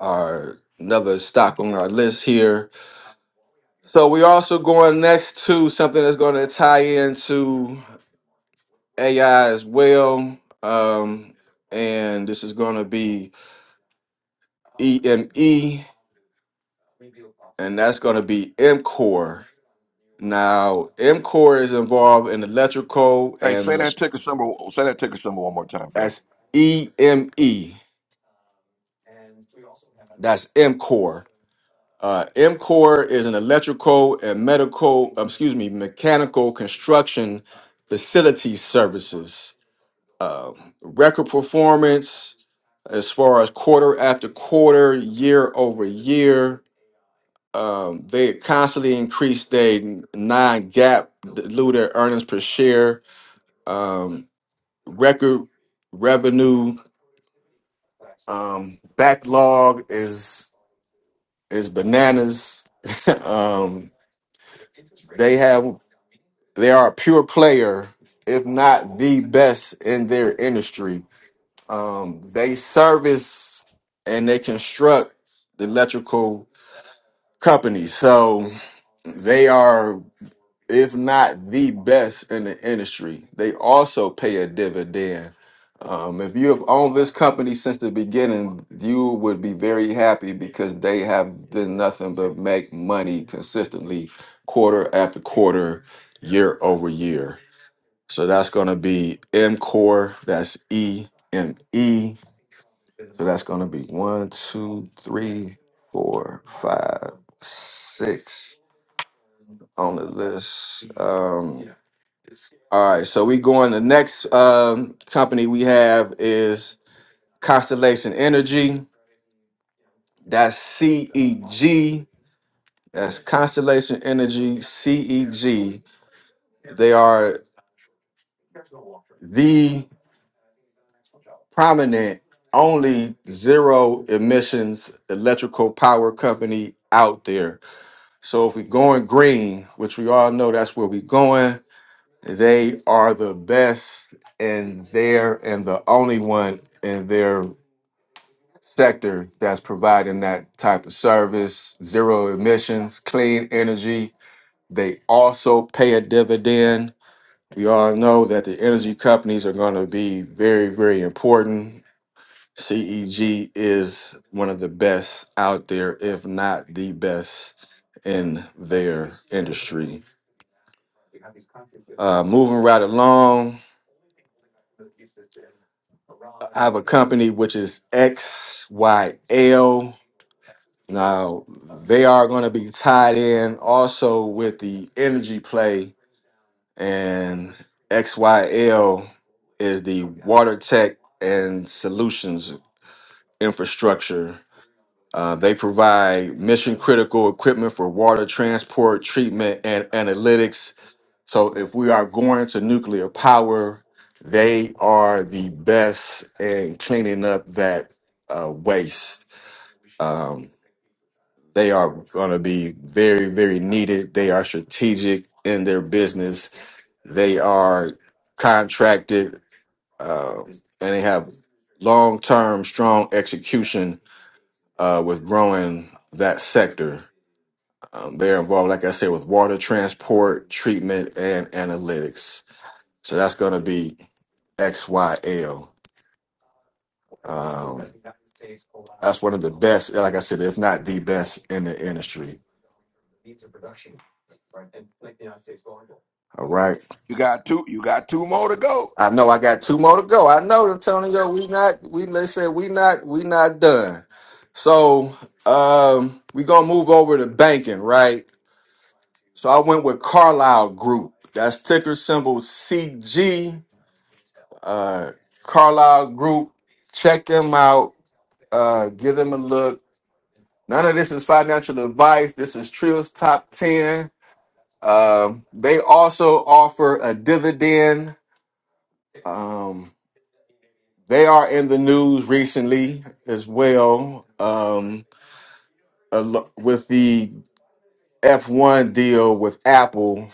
our another stock on our list here. So we're also going next to something that's going to tie into AI as well. Um, and this is going to be EME. and that's going to be MCOR. Now, MCOR is involved in electrical, Hey, say and that ticker number. Say that ticker number one more time for me. that's E M E. That's MCOR. Uh, MCOR is an electrical and medical, um, excuse me, mechanical construction facility services. Um, record performance as far as quarter after quarter, year over year Um, they constantly increase their non-GAAP diluted earnings per share, um, record revenue, um, backlog is is bananas. *laughs* um, they have they are a pure player, if not the best in their industry. Um, they service and they construct the electrical companies, so they are. if not the best in the industry. They also pay a dividend. Um, if you have owned this company since the beginning, you would be very happy because they have done nothing but make money consistently, quarter after quarter, year over year. So that's going to be Mcore. That's E M E. So that's going to be one, two, three, four, five, six on the list. Um, all right, so we going. The next um, company we have is Constellation Energy. That's CEG. That's Constellation Energy CEG. They are the prominent, only zero emissions electrical power company out there. So if we're going green, which we all know that's where we're going, they are the best and they're and the only one in there sector that's providing that type of service, zero emissions, clean energy. They also pay a dividend. We all know that the energy companies are going to be very, very important. CEG is one of the best out there, if not the best in their industry. Uh, moving right along, I have a company which is XYL. Now they are going to be tied in also with the energy play, and XYL is the water tech and solutions infrastructure. Uh, they provide mission critical equipment for water transport, treatment, and analytics. So if we are going to nuclear power, they are the best in cleaning up that uh, waste. Um, They are going to be very, very needed. They are strategic in their business. They are contracted, uh, and they have long-term, strong execution uh, with growing that sector. Um, they're involved, like I said, with water transport, treatment, and analytics. So that's going to be XYL. Um, that's one of the best, like I said, if not the best in the industry. All right. You got two. You got two more to go. I know I got two more to go. I know, Antonio. We not we they said we not we not done. So um we gonna move over to banking, right? So I went with Carlisle Group. That's ticker symbol CG. Uh Carlisle Group. Check them out. Uh give them a look. None of this is financial advice. This is Trill's top ten. Um, they also offer a dividend. Um, They are in the news recently as well um, al- with the F1 deal with Apple.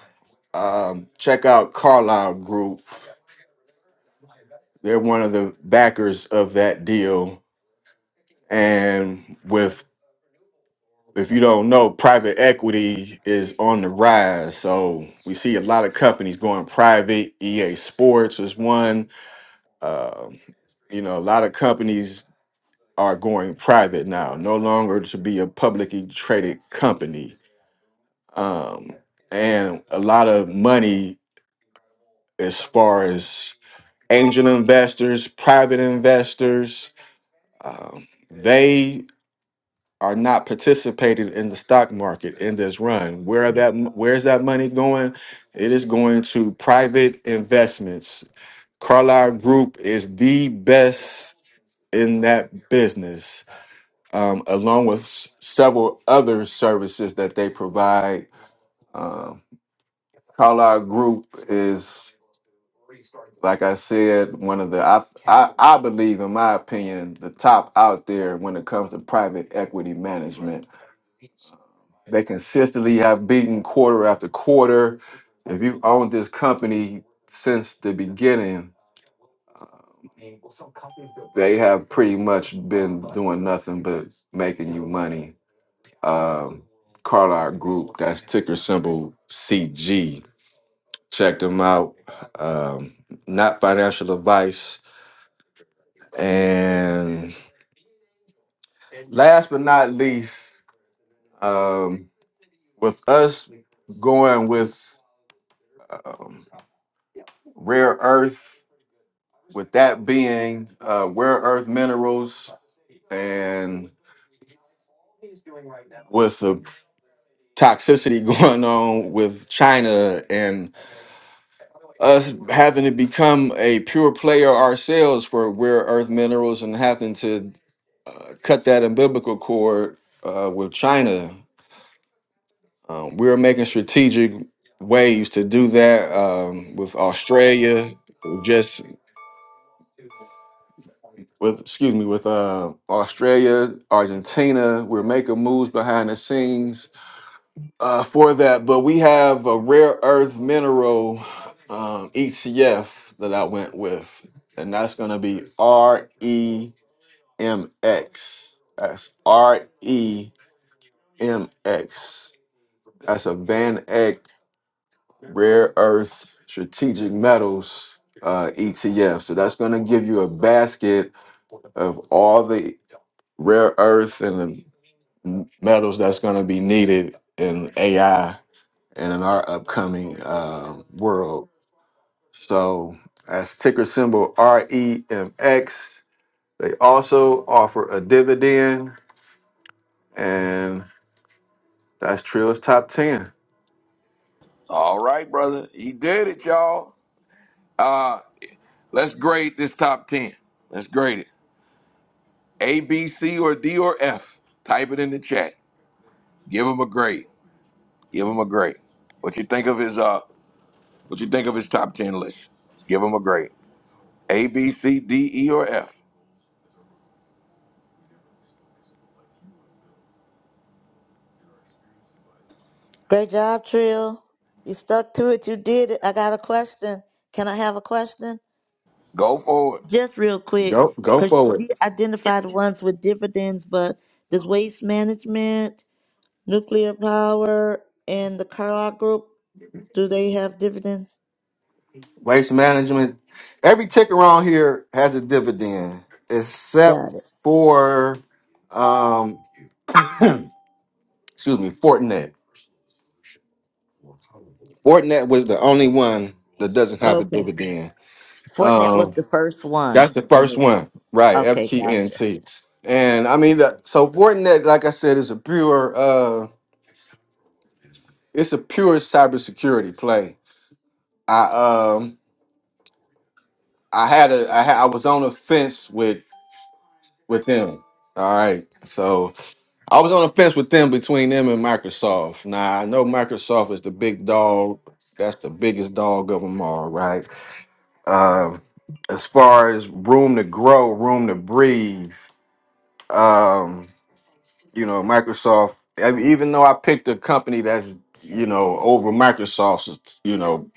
Um, check out Carlyle Group. They're one of the backers of that deal. And with, if you don't know, private equity is on the rise. So we see a lot of companies going private. EA Sports is one. Um, you know, a lot of companies are going private now, no longer to be a publicly traded company. Um, and a lot of money as far as angel investors, private investors, um, they are not participated in the stock market in this run. Where that where's that money going? It is going to private investments. Carlyle Group is the best in that business um, along with s- several other services that they provide. Um, Carlisle Group is, like I said, one of the I, I I believe, in my opinion, the top out there when it comes to private equity management. They consistently have beaten quarter after quarter. If you own this company since the beginning, they have pretty much been doing nothing but making you money um, Carlisle Group. That's ticker symbol CG. Check them out. Um, not financial advice. And last but not least, um, with us going with um, rare earth, with that being uh, rare earth minerals, and with the toxicity *laughs* going on with China and us having to become a pure player ourselves for rare earth minerals and having to uh, cut that umbilical cord uh, with China. Um, we're making strategic ways to do that um, with Australia, just with excuse me, with uh, Australia, Argentina. We're making moves behind the scenes uh, for that, but we have a rare earth mineral um, ETF that I went with, and that's going to be REMX. That's REMX. That's a Van Eck Rare Earth Strategic Metals uh, ETF. So that's going to give you a basket of all the rare earth and the m- metals that's going to be needed in AI and in our upcoming um, world. So, as ticker symbol REMX, they also offer a dividend, and that's Trill's top 10. All right, brother. He did it, y'all. Uh, let's grade this top ten. Let's grade it. A, B, C, or D, or F. Type it in the chat. Give him a grade. Give him a grade. What you think of his uh? What you think of his top ten list? Give him a grade. A, B, C, D, E, or F. Great job, Trill. You stuck to it. You did it. I got a question. Can I have a question? Go forward. Just real quick, Go, go because for you it. did identify the ones with dividends, but does waste management, nuclear power, and the Carlyle Group, do they have dividends? Waste management. Every ticker on here has a dividend, except Got it. for, um, *coughs* *clears throat* excuse me, Fortinet. Fortinet was the only one that doesn't have a Okay. dividend. Fortinet was Um, the first one, That's the and first it's one, right? okay. Gotcha. FGNT, and I mean that. So Fortinet, like I said, is a pure, uh, it's a pure cybersecurity play. I um, I had a, I, ha- I was on a fence with with them. All right, so I was on a fence with them between them and Microsoft. Now I know Microsoft is the big dog. That's the biggest dog of them all, right? Um, as far as room to grow, room to breathe. Um, you know, Microsoft. I mean, even though I picked a company that's you know over Microsoft's you know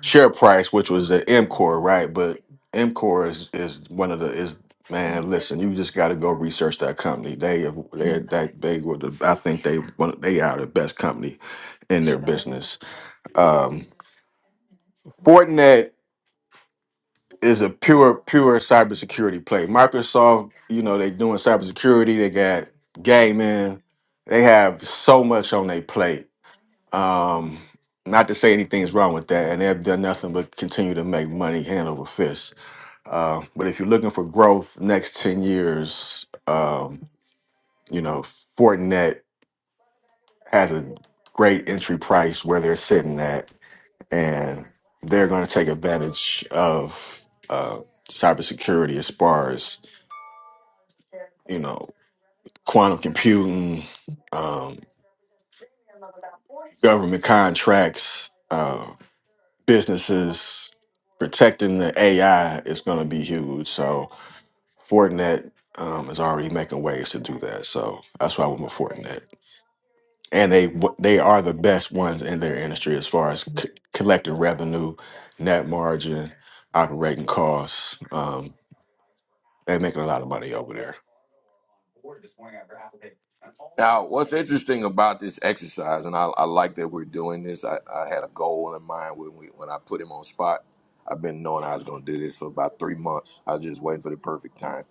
share price, which was at MCore, right? But MCore is is one of the is man. Listen, you just got to go research that company. They have- they they they were the I think they one they are the best company in their business. Um, Fortinet is a pure pure cybersecurity play. Microsoft, you know, they doing cybersecurity. They got gaming. They have so much on their plate. Um, not to say anything's wrong with that, and they've done nothing but continue to make money hand over fist. Uh, but if you're looking for growth next ten years, um, you know, Fortinet has a great entry price where they're sitting at and they're going to take advantage of uh, cybersecurity as far as you know quantum computing, um, government contracts, uh, businesses protecting the AI is going to be huge. So Fortinet um, is already making waves to do that. So that's why I went with Fortinet, and they w- they are the best ones in their industry as far as c- collecting revenue, net margin, operating costs. um, They're making a lot of money over there. Now, what's interesting about this exercise, and I, I like that we're doing this. I, I had a goal in mind when we when I put him on spot. I've been knowing I was going to do this for about three months. I was just waiting for the perfect time.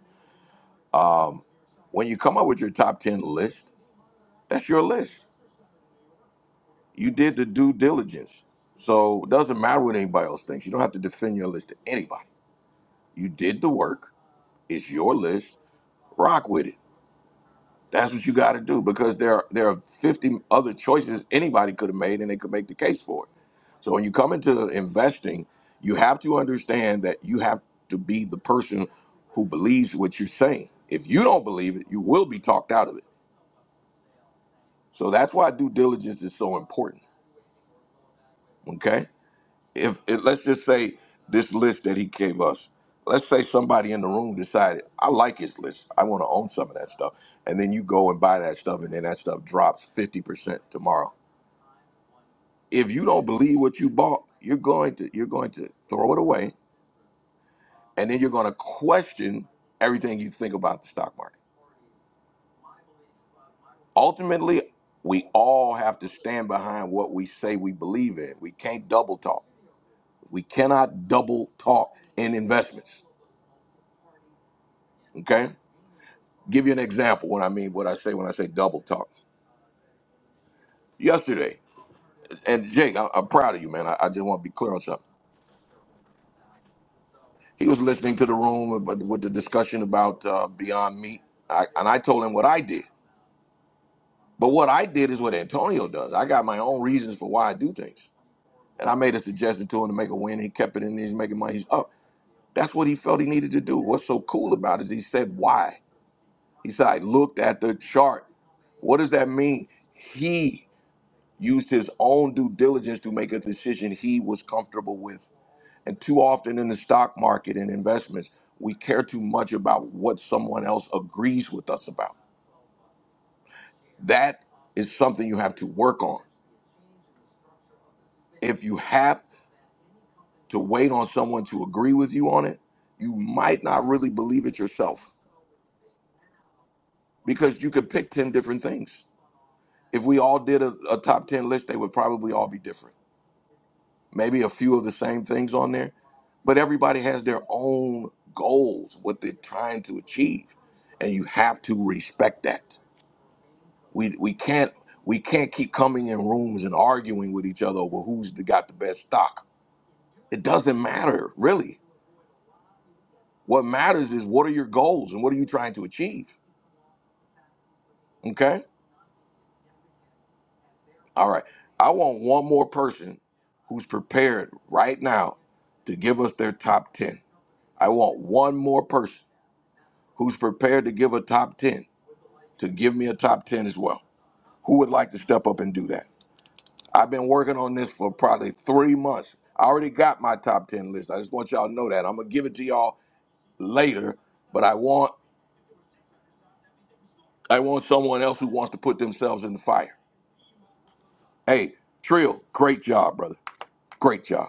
When you come up with your top ten list, that's your list. You did the due diligence, so it doesn't matter what anybody else thinks. You don't have to defend your list to anybody You did the work. It's your list. Rock with it. That's what you got to do because there are, there are 50 other choices anybody could have made and they could make the case for it. So when you come into investing, you have to understand that you have to be the person who believes what you're saying. If you don't believe it, you will be talked out of it. So that's why due diligence is so important. Okay? if, if let's just say this list that he gave us, let's say somebody in the room decided, I like his list. I want to own some of that stuff. And then you go and buy that stuff and then that stuff drops 50% tomorrow. If you don't believe what you bought, you're going to you're going to throw it away and then you're going to question everything you think about the stock market. Ultimately, we all have to stand behind what we say we believe in. We can't double talk. We cannot double talk in investments. Okay? Give you an example what I mean, what I say when I say double talk. Yesterday, and Jake, I, I'm proud of you, man. I, I just want to be clear on something. He was listening to the room with, with the discussion about uh, Beyond Meat, I, and I told him what I did. But what I did is what Antonio does. I got my own reasons for why I do things, and I made a suggestion to him to make a win. He kept it in. He's making money. He's up. That's what he felt he needed to do. What's so cool about it is he said why. He said I looked at the chart. What does that mean? He used his own due diligence to make a decision he was comfortable with. And too often in the stock market and investments, we care too much about what someone else agrees with us about. That is something you have to work on. If you have to wait on someone to agree with you on it, you might not really believe it yourself because you could pick 10 different things. If we all did a, a top 10 list, they would probably all be different maybe a few of the same things on there, but everybody has their own goals, what they're trying to achieve, and you have to respect that. We we can't we can't keep coming in rooms and arguing with each other over who's the, got the best stock. It doesn't matter really. What matters is what are your goals and what are you trying to achieve. Okay, all right. I want one more person who's prepared right now to give us their top ten. I want one more person who's prepared to give a top 10 to give me a top 10 as well who would like to step up and do that i've been working on this for probably three months i already got my top 10 list i just want y'all to know that i'm gonna give it to y'all later but i want i want someone else who wants to put themselves in the fire hey trill great job brother great job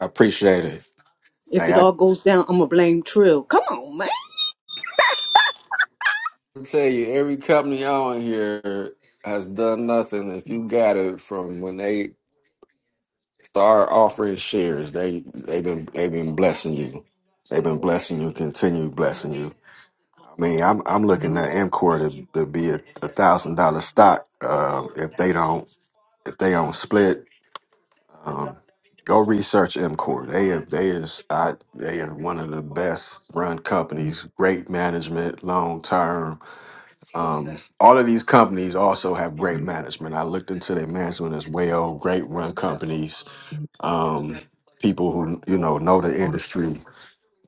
I appreciate it. If Hey, it I all goes down, I'm gonna blame Trill. Come on, man. can tell you, every company on here has done nothing. If you got it from when they start offering shares, they they've been they've been blessing you. They've been blessing you, continue blessing you. I mean, I'm I'm looking at MCOR to, to be a, a thousand dollar stock. Uh, if they don't if they don't split Um, go research MCOR. They are, they is I, they are one of the best run companies. Great management, long term. Um, all of these companies also have great management. I looked into their management as well. Great run companies. Um, people who you know know the industry.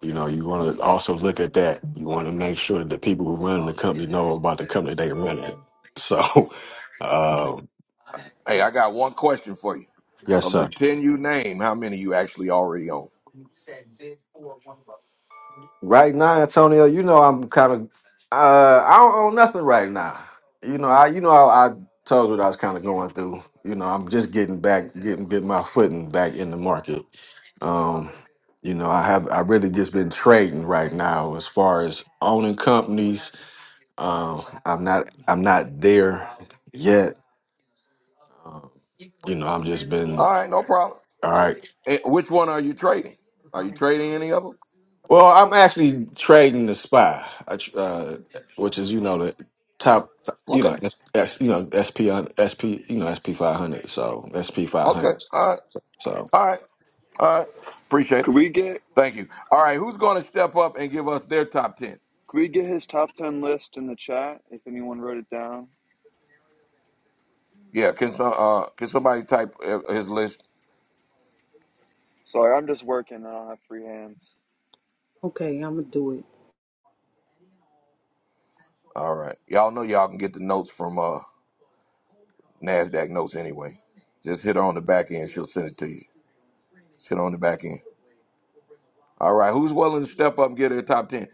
You know, you want to also look at that. You want to make sure that the people who run the company know about the company they run it. So, *laughs* uh, hey i got one question for you yes, of the sir. 10 you name how many you actually already own Right now, Antonio, you know I'm kind of uh I don't own nothing right now. You know, I you know I, I told you what I was kind of going through. You know, I'm just getting back, getting getting my footing back in the market. Um, you know, I have I really just been trading right now as far as owning companies. Um, I'm not I'm not there yet. Um, you know, I'm just been all right no problem all right. Eh, which one are you trading are you trading any of them Well, I'm actually trading the spy, I tr- uh, which is you know the top, you Okay. know, S, S- you know SP on SP, you know SP 500, so SP Okay. 500. All right. So. All right. All right. Appreciate could it. we get Thank you. All right. Who's going to step up and give us their top ten? Could we get his top 10 list in the chat if anyone wrote it down? Yeah. Can some, uh can somebody type uh, his list? Sorry, I'm just working. I don't have free hands. Okay, I'm gonna do it. All right. Y'all know y'all can get the notes from uh Nasdaq notes anyway. Just hit her on the back end. She'll send it to you. Just hit her on the back end. All right. Who's willing to step up and get their top ten?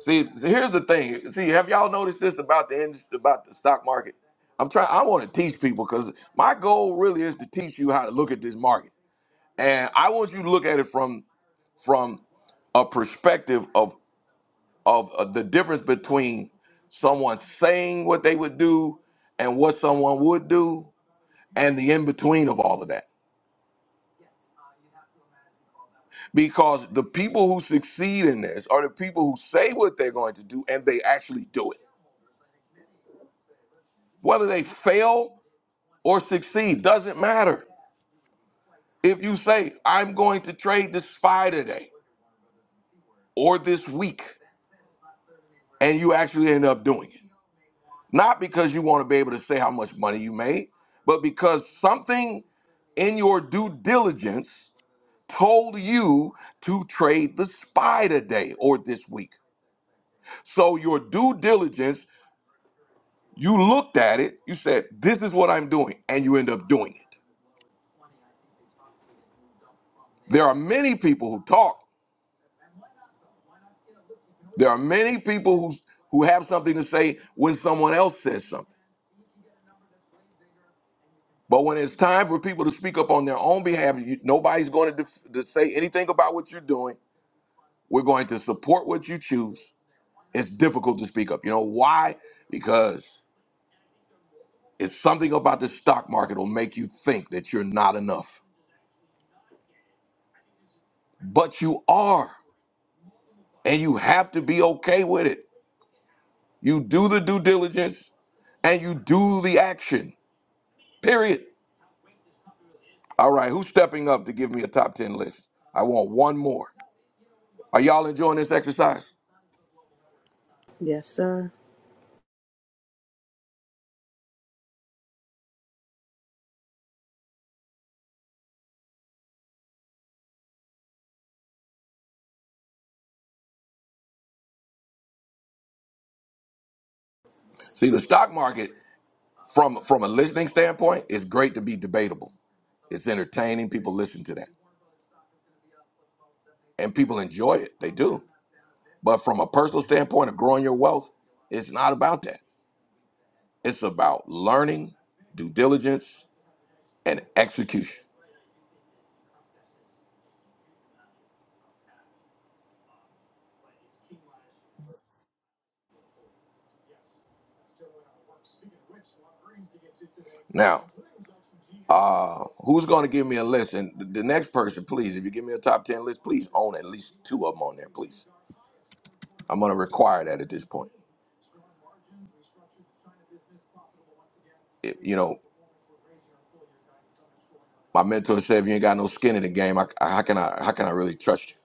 See, so here's the thing. See, have y'all noticed this about the industry, about the stock market? I'm trying. I want to teach people because my goal really is to teach you how to look at this market. And I want you to look at it from from a perspective of of uh, the difference between someone saying what they would do and what someone would do, and the in between of all of that. Because the people who succeed in this are the people who say what they're going to do and they actually do it. Whether they fail or succeed doesn't matter. If you say, I'm going to trade this spy today or this week, and you actually end up doing it Not because you want to be able to say how much money you made, but because something in your due diligence told you to trade the SPY today or this week. So your due diligence, you looked at it, you said, This is what I'm doing, and you end up doing it. There are many people who talk. There are many people who who have something to say when someone else says something. But when it's time for people to speak up on their own behalf, you, nobody's going to, def- to say anything about what you're doing. We're going to support what you choose. It's difficult to speak up. You know why? Because it's something about the stock market will make you think that you're not enough. But you are, and you have to be okay with it. You do the due diligence and you do the action. Period. All right, who's stepping up to give me a top 10 list? I want one more. Are y'all enjoying this exercise? Yes, sir. See, the stock market, from from a listening standpoint, is great to be debatable. It's entertaining. People listen to that. and people enjoy it. They do. But from a personal standpoint of growing your wealth, it's not about that. It's about learning, due diligence, and execution. Now, uh, who's going to give me a list? And th- the next person, please, if you give me a top 10 list, please own at least two of them on there, please. I'm going to require that at this point. It- you know, my mentor said, if you ain't got no skin in the game, I, I- how can I how can I really trust you?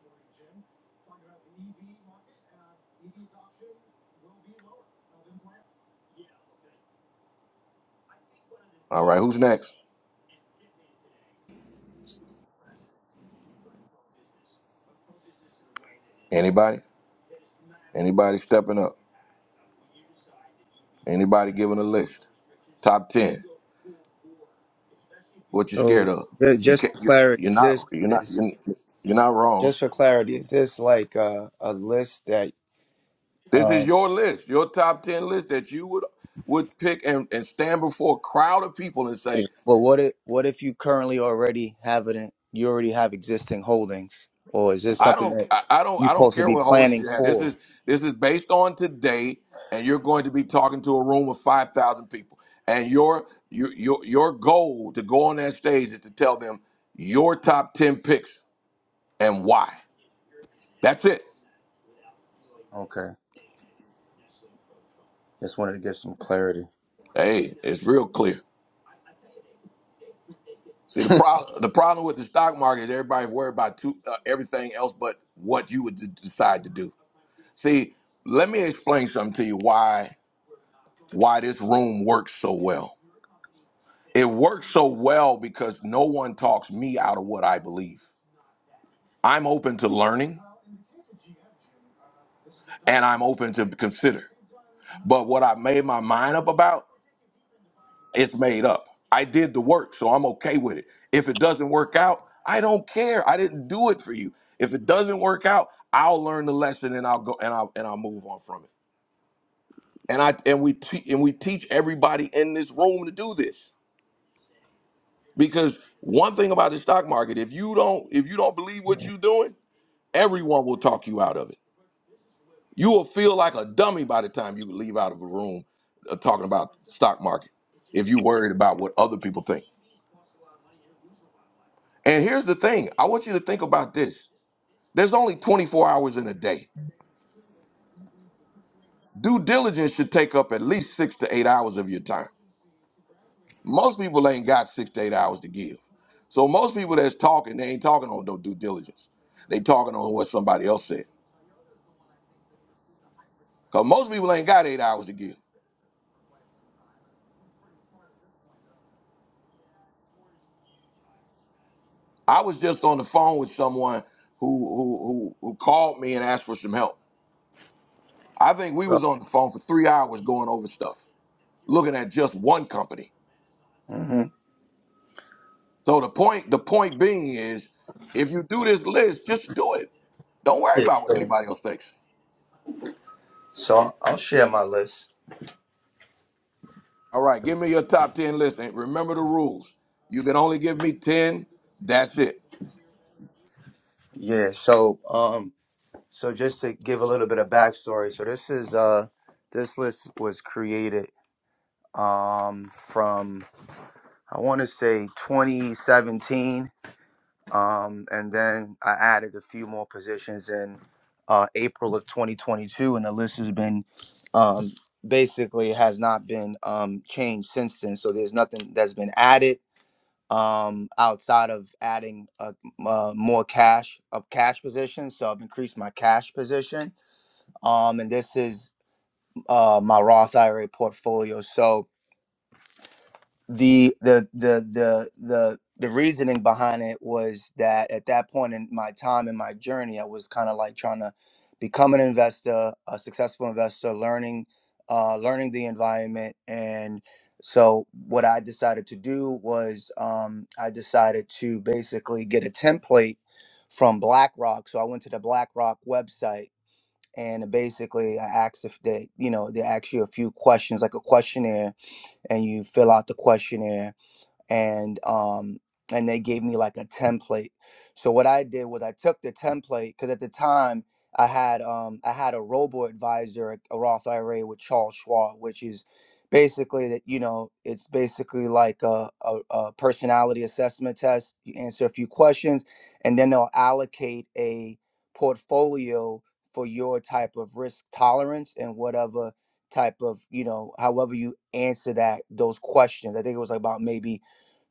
All right, who's next? Anybody? Anybody stepping up? Anybody giving a list? Top 10. What you scared So of? ju- You just can't. for You, clarity, you're not. this You're not. is You're, you're not wrong. just for clarity. Is this like a, a list that? This is your list, your top ten list that you would would pick and, and stand before a crowd of people and say, Well, what if what if you currently already have it? In, you already have existing holdings, or is this I something don't, that I, I don't, you I don't supposed to care be what holdings planning you have. This for? is this is based on today, and you're going to be talking to a room of five thousand people, and your your your your goal to go on that stage is to tell them your top ten picks and why. That's it. Okay, just wanted to get some clarity. Hey, it's real clear. See the *laughs* problem. The problem with the stock market is everybody's worried about two, uh, everything else but what you would d- decide to do. See, let me explain something to you why why this room works so well. It works so well because no one talks me out of what I believe. I'm open to learning and I'm open to consider. But what I made my mind up about It's made up. I did the work, so I'm okay with it. If it doesn't work out, I don't care. I didn't do it for you. If it doesn't work out, I'll learn the lesson and I'll go and I'll and I'll move on from it. And I and we te- and we teach everybody in this room to do this because one thing about the stock market, if you don't if you don't believe what you're doing, everyone will talk you out of it. You will feel like a dummy by the time you leave out of a room uh, talking about the stock market if you're worried about what other people think. And here's the thing I want you to think about this there's only 24 hours in a day. Due diligence should take up at least six to eight hours of your time. Most people ain't got six to eight hours to give. So most people that's talking, they ain't talking on no due diligence. They talking on what somebody else said. Cause most people ain't got eight hours to give. I was just on the phone with someone who who who, who called me and asked for some help. I think we So, was on the phone for three hours going over stuff, looking at just one company. hmm So the point, the point being is, if you do this list, just do it. Don't worry yeah, about what so, anybody else thinks. so I'll I'll share my list. All right, give me your top ten list. And remember the rules. You can only give me ten. That's it. Yeah. So, um, so just to give a little bit of backstory. So this is uh, this list was created. um, from I want to say 2017, um, and then I added a few more positions in uh, April of 2022, and the list has been um, basically has not been um, changed since then. So there's nothing that's been added um, outside of adding uh, m- uh, more cash of cash positions. So I've increased my cash position, um, and this is uh, my Roth IRA portfolio. So the the the the the the reasoning behind it was that at that point in my time in my journey, I was kind of like trying to become an investor, a successful investor, learning uh, learning the environment, and so what I decided to do was um, I decided to basically get a template from BlackRock. So I went to the BlackRock website and basically I asked if they, you know, they ask you a few questions like a questionnaire, and you fill out the questionnaire and um and they gave me like a template so what i did was i took the template because at the time i had um i had a robo advisor a roth ira with charles schwab which is basically that you know it's basically like a, a, a personality assessment test you answer a few questions and then they'll allocate a portfolio for your type of risk tolerance and whatever type of you know however you answer that those questions i think it was about maybe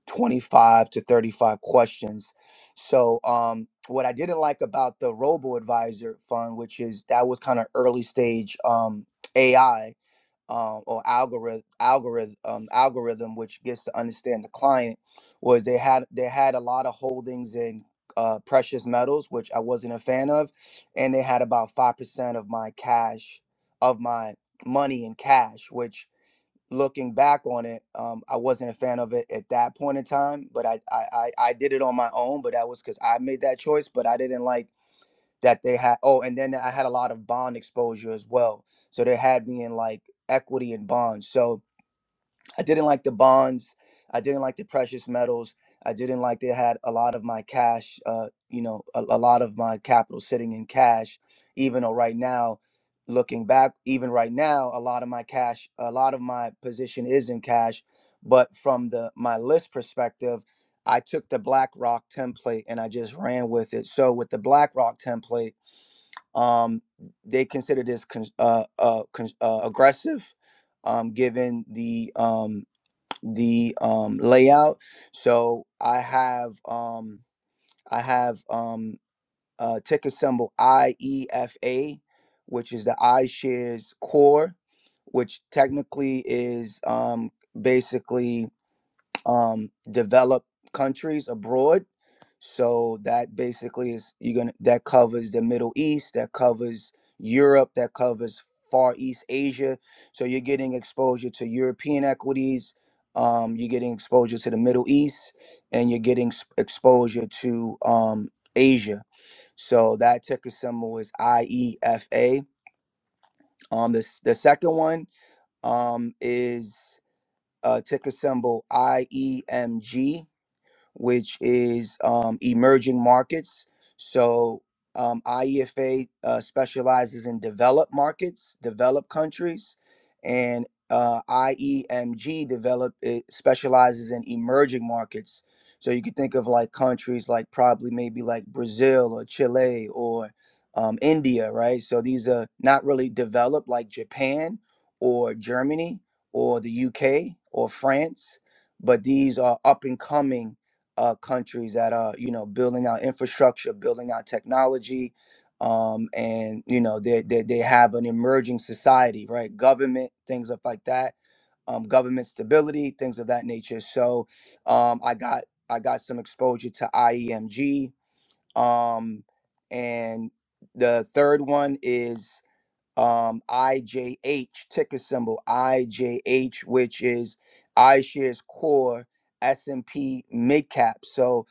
25 to 35 questions. So, um, what I didn't like about the robo advisor fund, which is that was kind of early stage um, AI um, or algorithm algorithm um, algorithm, which gets to understand the client, was they had they had a lot of holdings in uh, precious metals, which I wasn't a fan of, and they had about five percent of my cash of my money in cash, which looking back on it, um, I wasn't a fan of it at that point in time. But I, I, I, I did it on my own. But that was because I made that choice. But I didn't like that they had. Oh, and then I had a lot of bond exposure as well. So they had me in like equity and bonds. So I didn't like the bonds. I didn't like the precious metals. I didn't like they had a lot of my cash, uh, you know, a, a lot of my capital sitting in cash, even though right now, looking back, even right now, a lot of my cash, a lot of my position is in cash. But from the my list perspective, I took the BlackRock template and I just ran with it. So with the BlackRock template, um, they consider this con- uh, uh, con- uh, aggressive, um, given the um, the um, layout. So I have um, I have um, uh, ticker symbol IEFA, which is the iShares Core, which technically is um, basically um, developed countries abroad so that basically is you're gonna that covers the Middle East, that covers Europe, that covers Far East Asia. So you're getting exposure to European equities, um, you're getting exposure to the Middle East, and you're getting s- exposure to um, Asia. So that ticker symbol is IEFA. Um, the s- the second one um is uh ticker symbol IEMG which is um, emerging markets. So um, IEFA uh, specializes in developed markets, developed countries, and uh, IEMG develop it specializes in emerging markets. So you could think of like countries like probably maybe like Brazil or Chile or um, India, right? So these are not really developed like Japan or Germany or the UK or France, but these are up and coming uh, countries that are you know building out infrastructure, building out technology, um, and you know they, they they have an emerging society, right? Government things of like that, um, government stability, things of that nature. So um, I got I got some exposure to IEMG, um, and the third one is um, IJH, ticker symbol IJH, which is iShares Core S&P Mid Cap. So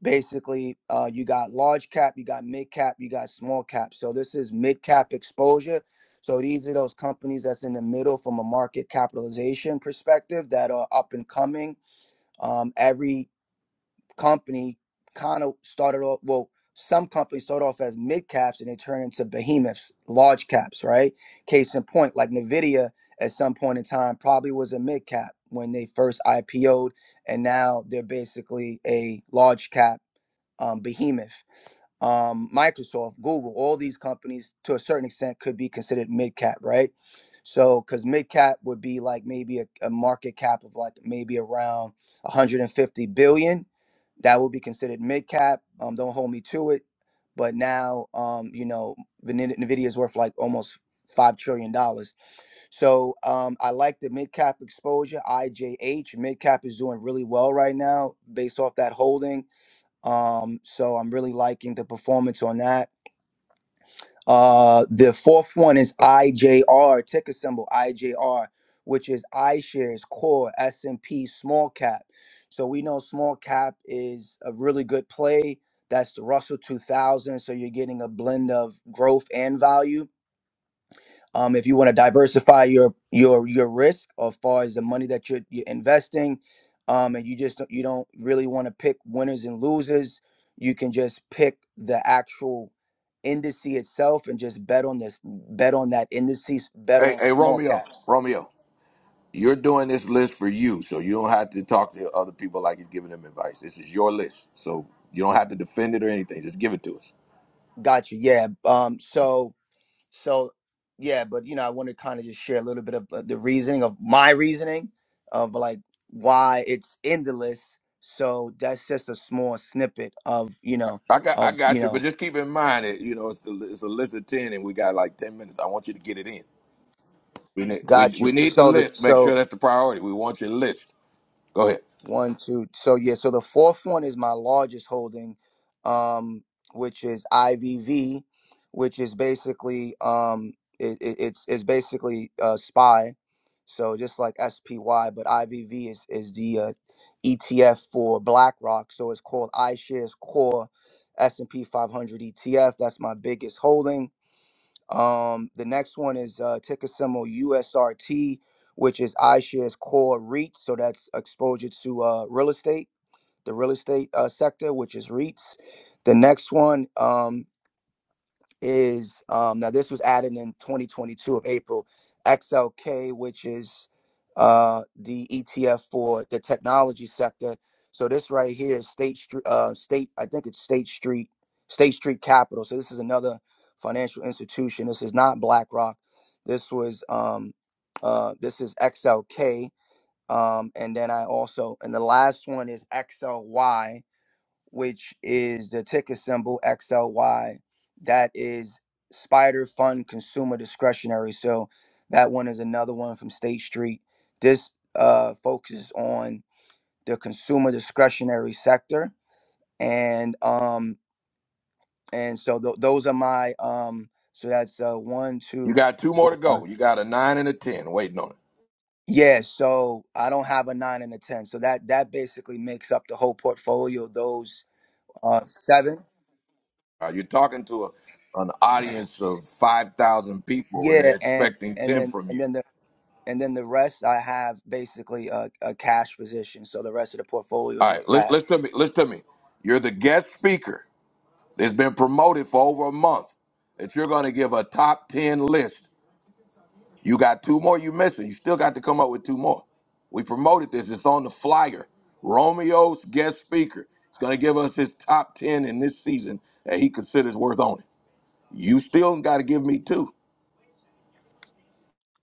basically, uh, you got large cap, you got mid cap, you got small cap. So this is mid cap exposure. So these are those companies that's in the middle from a market capitalization perspective that are up and coming. Um, every company kind of started off well some companies start off as mid caps and they turn into behemoths large caps right case in point like nvidia at some point in time probably was a mid cap when they first ipo'd and now they're basically a large cap um, behemoth, um, Microsoft, Google, all these companies to a certain extent could be considered mid cap, right? So, because mid cap would be like maybe a, a market cap of like maybe around 150 billion, that would be considered mid cap. Um, don't hold me to it, but now, um, you know, Vin- Nvidia is worth like almost five trillion dollars. So, um, I like the mid cap exposure. IJH mid cap is doing really well right now based off that holding. Um, so I'm really liking the performance on that. Uh, the fourth one is IJR, ticker symbol IJR, which is iShares Core S&P Small Cap. So we know small cap is a really good play. That's the Russell 2000. So you're getting a blend of growth and value. Um, if you want to diversify your your your risk as far as the money that you're, you're investing, um, and you just don't- you don't really want to pick winners and losers, you can just pick the actual indice itself and just bet on this, bet on that indices, bet Hey, on hey, small Romeo, caps. Romeo, you're doing this list for you, so you don't have to talk to other people like you're giving them advice. This is your list, so you don't have to defend it or anything. Just give it to us. Got you. Yeah. Um. So So, yeah, but you know, I want to kind of just share a little bit of the, the reasoning of my reasoning of like why it's in the list. So that's just a small snippet of you know I I got, I of you got you, but know. just keep in mind that you know it's, the, it's a list of ten, and we got like ten minutes. I want you to get it in. We need we Got you. we need the So the list. Make sure so that's the priority. We want your list. Go ahead. One, two. So yeah, so the fourth one is my largest holding, um, which is IVV, which is basically um, it, it, it's it's basically uh, SPY, so just like SPY, but IVV is is the uh, ETF for BlackRock, so it's called iShares Core S and P 500 ETF. That's my biggest holding um, the next one is uh, ticker symbol USRT, which is iShares Core REITs. So that's exposure to uh, real estate, the real estate uh, sector, which is REITs. The next one um, is um, now this was added in 2022 of April, XLK, which is uh, the ETF for the technology sector. So this right here is State Street, uh, State, I think it's State Street, State Street Capital. So this is another financial institution. This is not BlackRock. This was um, uh, this is XLK, um, and then I also and the last one is XLY which is the ticker symbol XLY. That is Spider Fund Consumer Discretionary. So that one is another one from State Street. This uh, focuses on the consumer discretionary sector, and um, and so tho- those are my um. So that's uh, one, You two, three, got two more four, to five. go. You got a nine and a ten waiting on it. Yeah, so I don't have a nine and a ten. So that that basically makes up the whole portfolio. Those uh seven. Uh, you're talking to a, an audience of five thousand people, and Yeah, they're and expecting and ten then from and you. then the and then the rest I have basically a, a cash position. So the rest of the portfolio is All in right, listen, cash. listen to me. Listen to me. You're the guest speaker that's been promoted for over a month. That you're going to give a top ten list You got two more you missing. You still got to come up with two more. We promoted this. It's on the flyer. Romeo's guest speaker is going to give us his top 10 in this season that he considers worth owning. You still got to give me two.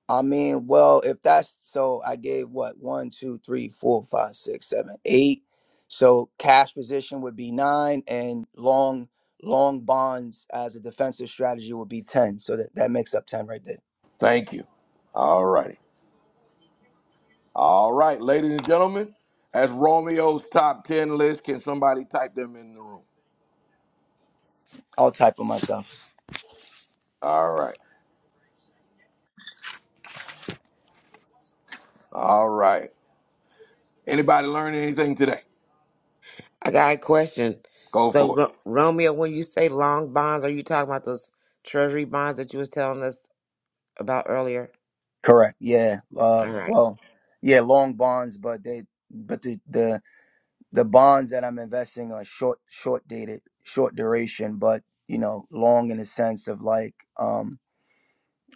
I mean, well, if that's so, I gave what one, two, three, four, five, six, seven, eight. So cash position would be nine, and long long bonds as a defensive strategy would be ten. So that that makes up ten right there. Thank you. All righty. All right, ladies and gentlemen, that's Romeo's top 10 list. Can somebody type them in the room? I'll type for myself. All right. All right. Anybody learn anything today? I got a question. Go So for it. Ro- Romeo, when you say long bonds, are you talking about those treasury bonds that you was telling us about earlier? Correct. Yeah. Uh. All right. Well. Yeah. Long bonds, but they but the the the bonds that I'm investing are short, short dated, short duration, but you know, long in the sense of like um,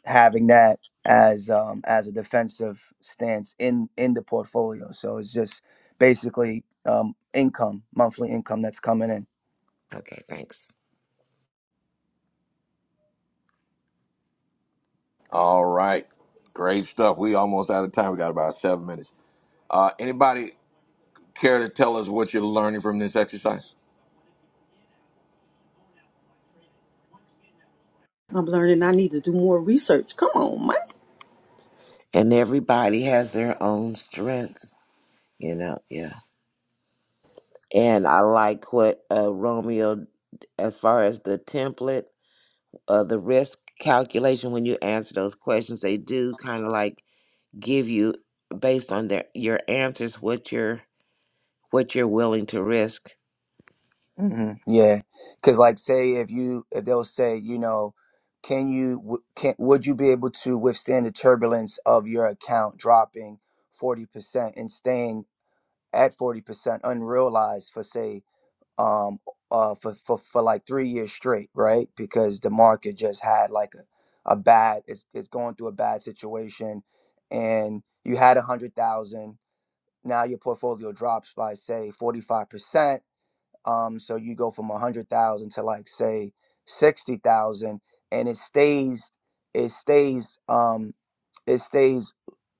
having that as um, as a defensive stance in in the portfolio. So it's just basically um, income, monthly income that's coming in. Okay, thanks. All right. Great stuff. We almost out of time. We got about seven minutes. Uh, anybody care to tell us what you're learning from this exercise? I'm learning I need to do more research. Come on, man. And everybody has their own strengths, you know. Yeah. And I like what uh, Romeo, as far as the template, uh, the risk calculation when you answer those questions, they do kind of like give you based on their your answers what you're what you're willing to risk. hmm Yeah, because like say if you if they'll say you know. Can you w- can would you be able to withstand the turbulence of your account dropping 40% and staying at 40% unrealized for say um uh for, for for like three years straight right because the market just had like a, a bad it's, it's going through a bad situation and you had a hundred thousand now your portfolio drops by say 45% um, so you go from a hundred thousand to like say sixty thousand, and it stays, it stays, um, it stays,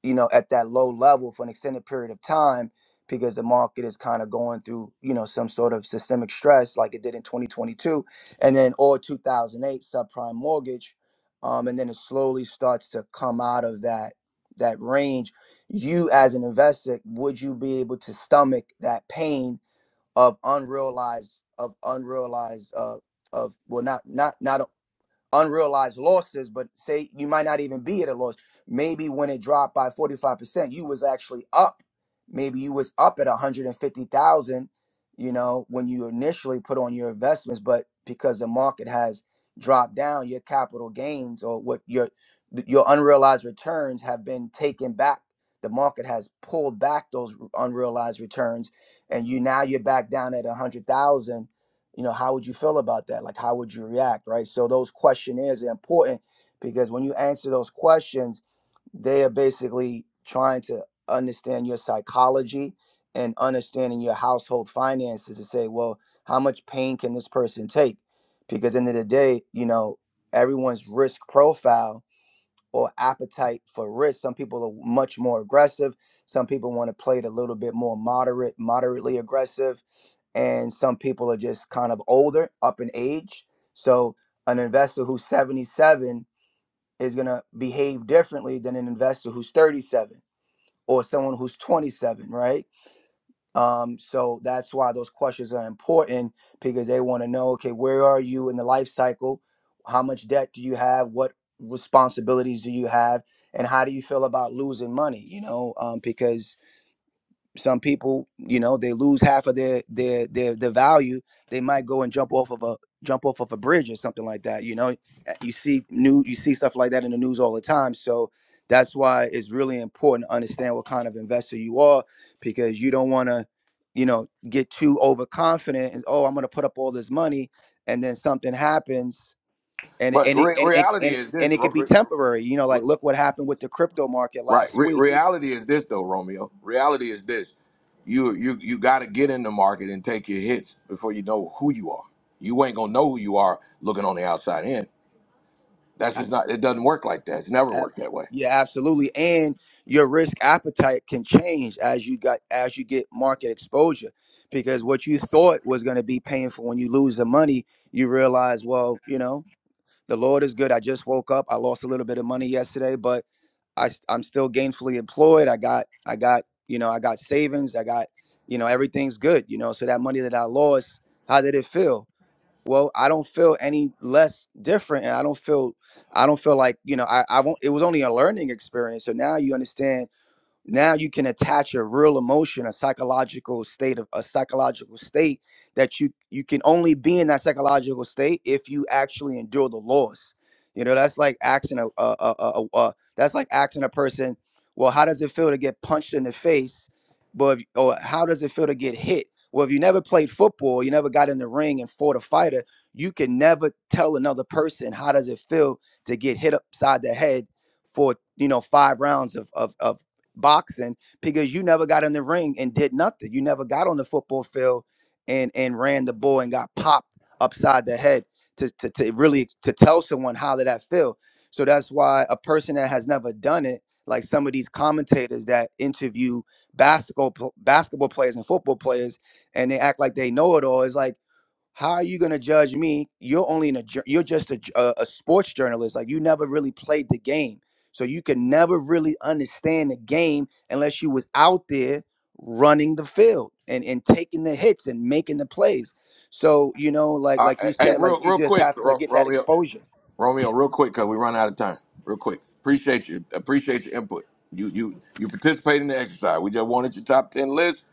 you know, at that low level for an extended period of time because the market is kind of going through, you know, some sort of systemic stress like it did in 2022, and then or 2008 subprime mortgage, um, and then it slowly starts to come out of that that range. You as an investor, would you be able to stomach that pain? of unrealized of unrealized uh of well not not not unrealized losses, but say you might not even be at a loss. Maybe when it dropped by 45%, you was actually up. Maybe you was up at 150,000, you know, when you initially put on your investments, but because the market has dropped down, your capital gains or what your your unrealized returns have been taken back. The market has pulled back those unrealized returns and you now you're back down at 100,000 you know how would you feel about that like how would you react right so those questionnaires are important because when you answer those questions they are basically trying to understand your psychology and understanding your household finances to say well how much pain can this person take because end of the day you know everyone's risk profile or appetite for risk. Some people are much more aggressive. Some people want to play it a little bit more moderate, moderately aggressive. And some people are just kind of older, up in age. So an investor who's 77 is going to behave differently than an investor who's 37 or someone who's 27, right? Um, so that's why those questions are important because they want to know, okay, where are you in the life cycle? How much debt do you have? What responsibilities do you have? And how do you feel about losing money? You know, um, because some people you know they lose half of their their their their value they might go and jump off of a jump off of a bridge or something like that you know Uh, you see new you see stuff like that in the news all the time so that's why it's really important to understand what kind of investor you are because you don't want to you know get too overconfident and oh i'm going to put up all this money and then something happens and But and it, re- and, it, reality and is this, and it ro- could be re- temporary you know like look what happened with the crypto market right? last Re- week reality is this, though, Romeo. Reality is this: you you you got to get in the market and take your hits before you know who you are. You ain't gonna know who you are looking on the outside in. That's just not. It doesn't work like that. It's never Ab- worked that way. Yeah, absolutely. And your risk appetite can change as you got as you get market exposure. Because what you thought was going to be painful when you lose the money, you realize, well, you know, the Lord is good. I just woke up. I lost a little bit of money yesterday, but I s- I'm still gainfully employed. I got I got, you know, I got savings. I got, you know, everything's good, you know. So that money that I lost, how did it feel? well i don't feel any less different and i don't feel i don't feel like you know i i won't it was only a learning experience so now you understand now you can attach a real emotion a psychological state of a psychological state that you you can only be in that psychological state if you actually endure the loss you know that's like asking a, a, a, a, a a- that's like asking a person well how does it feel to get punched in the face but if- or how does it feel to get hit well if you never played football you never got in the ring and fought a fighter you can never tell another person how does it feel to get hit upside the head for you know five rounds of of of, boxing because you never got in the ring and did nothing. You never got on the football field and and ran the ball and got popped upside the head to to, to really to tell someone how did that feel. So that's why a person that has never done it, like some of these commentators that interview basketball pl- basketball players and football players, and they act like they know it all. It's like how are you going to judge me? You're only in a jour- you're just a, j- a- a sports journalist. Like you never really played the game, so you can never really understand the game unless you was out there running the field and and taking the hits and making the plays. So you know, like Uh, like hey, you hey, said, like real you real just quick, have to ro- get that Romeo. exposure. Romeo, real quick, cause we run out of time. Real quick. Appreciate you. Appreciate your input. You you you participate in the exercise. We just wanted your top ten list.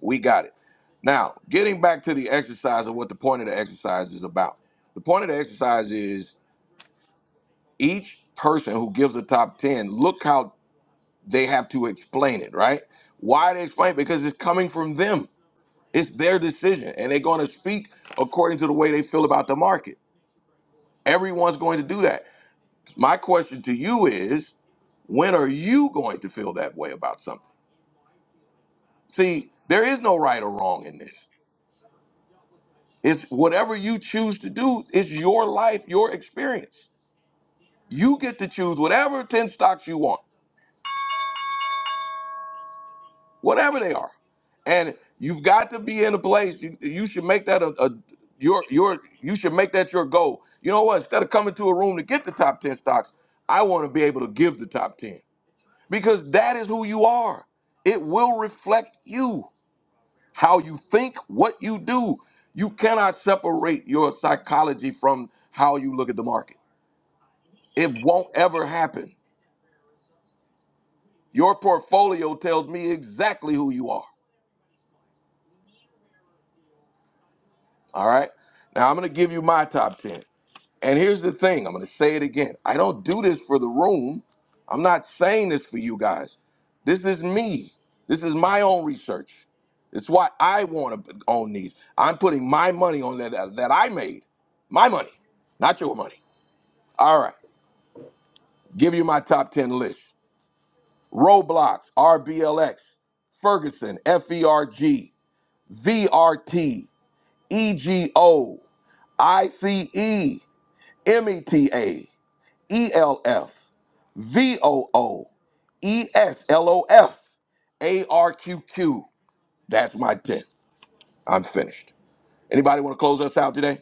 We got it. Now, getting back to the exercise and what the point of the exercise is about. The point of the exercise is each person who gives the top ten, look how they have to explain it, right? Why they explain it? Because it's coming from them. It's their decision. And they're going to speak according to the way they feel about the market. Everyone's going to do that. My question to you is when are you going to feel that way about something? See, there is no right or wrong in this. It's whatever you choose to do, it's your life, your experience. You get to choose whatever 10 stocks you want, whatever they are. And you've got to be in a place, you, you should make that a, a your your you should make that your goal. You know what? Instead of coming to a room to get the top 10 stocks, I want to be able to give the top 10 because that is who you are. It will reflect you how you think, what you do. You cannot separate your psychology from how you look at the market. It won't ever happen. Your portfolio tells me exactly who you are. All right. Now I'm going to give you my top 10. And here's the thing I'm going to say it again. I don't do this for the room. I'm not saying this for you guys. This is me. This is my own research. It's why I want to own these. I'm putting my money on that, that I made. My money, not your money. All right, give you my top 10 list Roblox, RBLX, Ferguson, F E R G; V R T E G O I C E M E T A E L F V O O E S L O F A R Q Q. That's my 10. I'm finished. Anybody want to close us out today?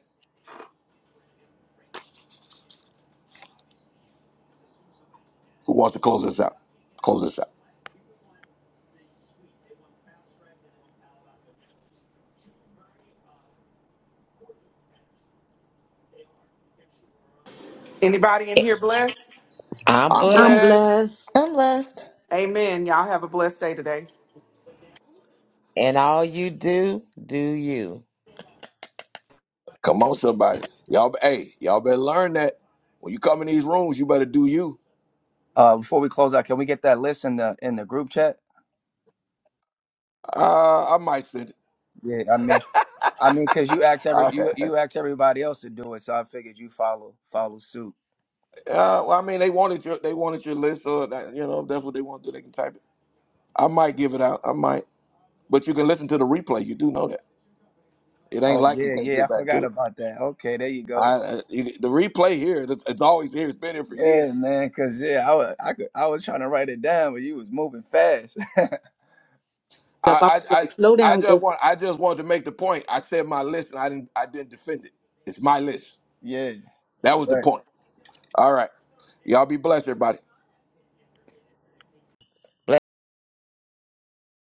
Who wants to close us out? Close us out. Anybody in here blessed? I'm I'm I'm blessed. blessed. blessed. I'm blessed. Amen. Y'all have a blessed day today. And all you do, do you. Come on, somebody. Y'all, hey, y'all better learn that. When you come in these rooms, you better do you. Uh, before we close out, can we get that list in the in the group chat? Uh, I might send Yeah, I mean, I mean, cause you asked it. every *laughs* you you asked everybody else to do it, so I figured you follow follow suit. Uh, well, I mean, they wanted your they wanted your list, or that, you know if that's what they want to do, they can type it. I might give it out. I might, but you can listen to the replay. You do know that it ain't Oh like you yeah, can't yeah, I get back forgot to it. about that. Okay, there you I, go. I you, the replay here, it's, it's always here. It's been here for Yeah, years. man, cause yeah, I was I could I was trying to write it down, but you was moving fast. Up. I I, was I, like, slow I, I down, just go want I just wanted to make the point. I said my list, and I didn't I didn't defend it. It's my list. *laughs* yeah, That was the right. point. All right. Y'all be blessed, everybody.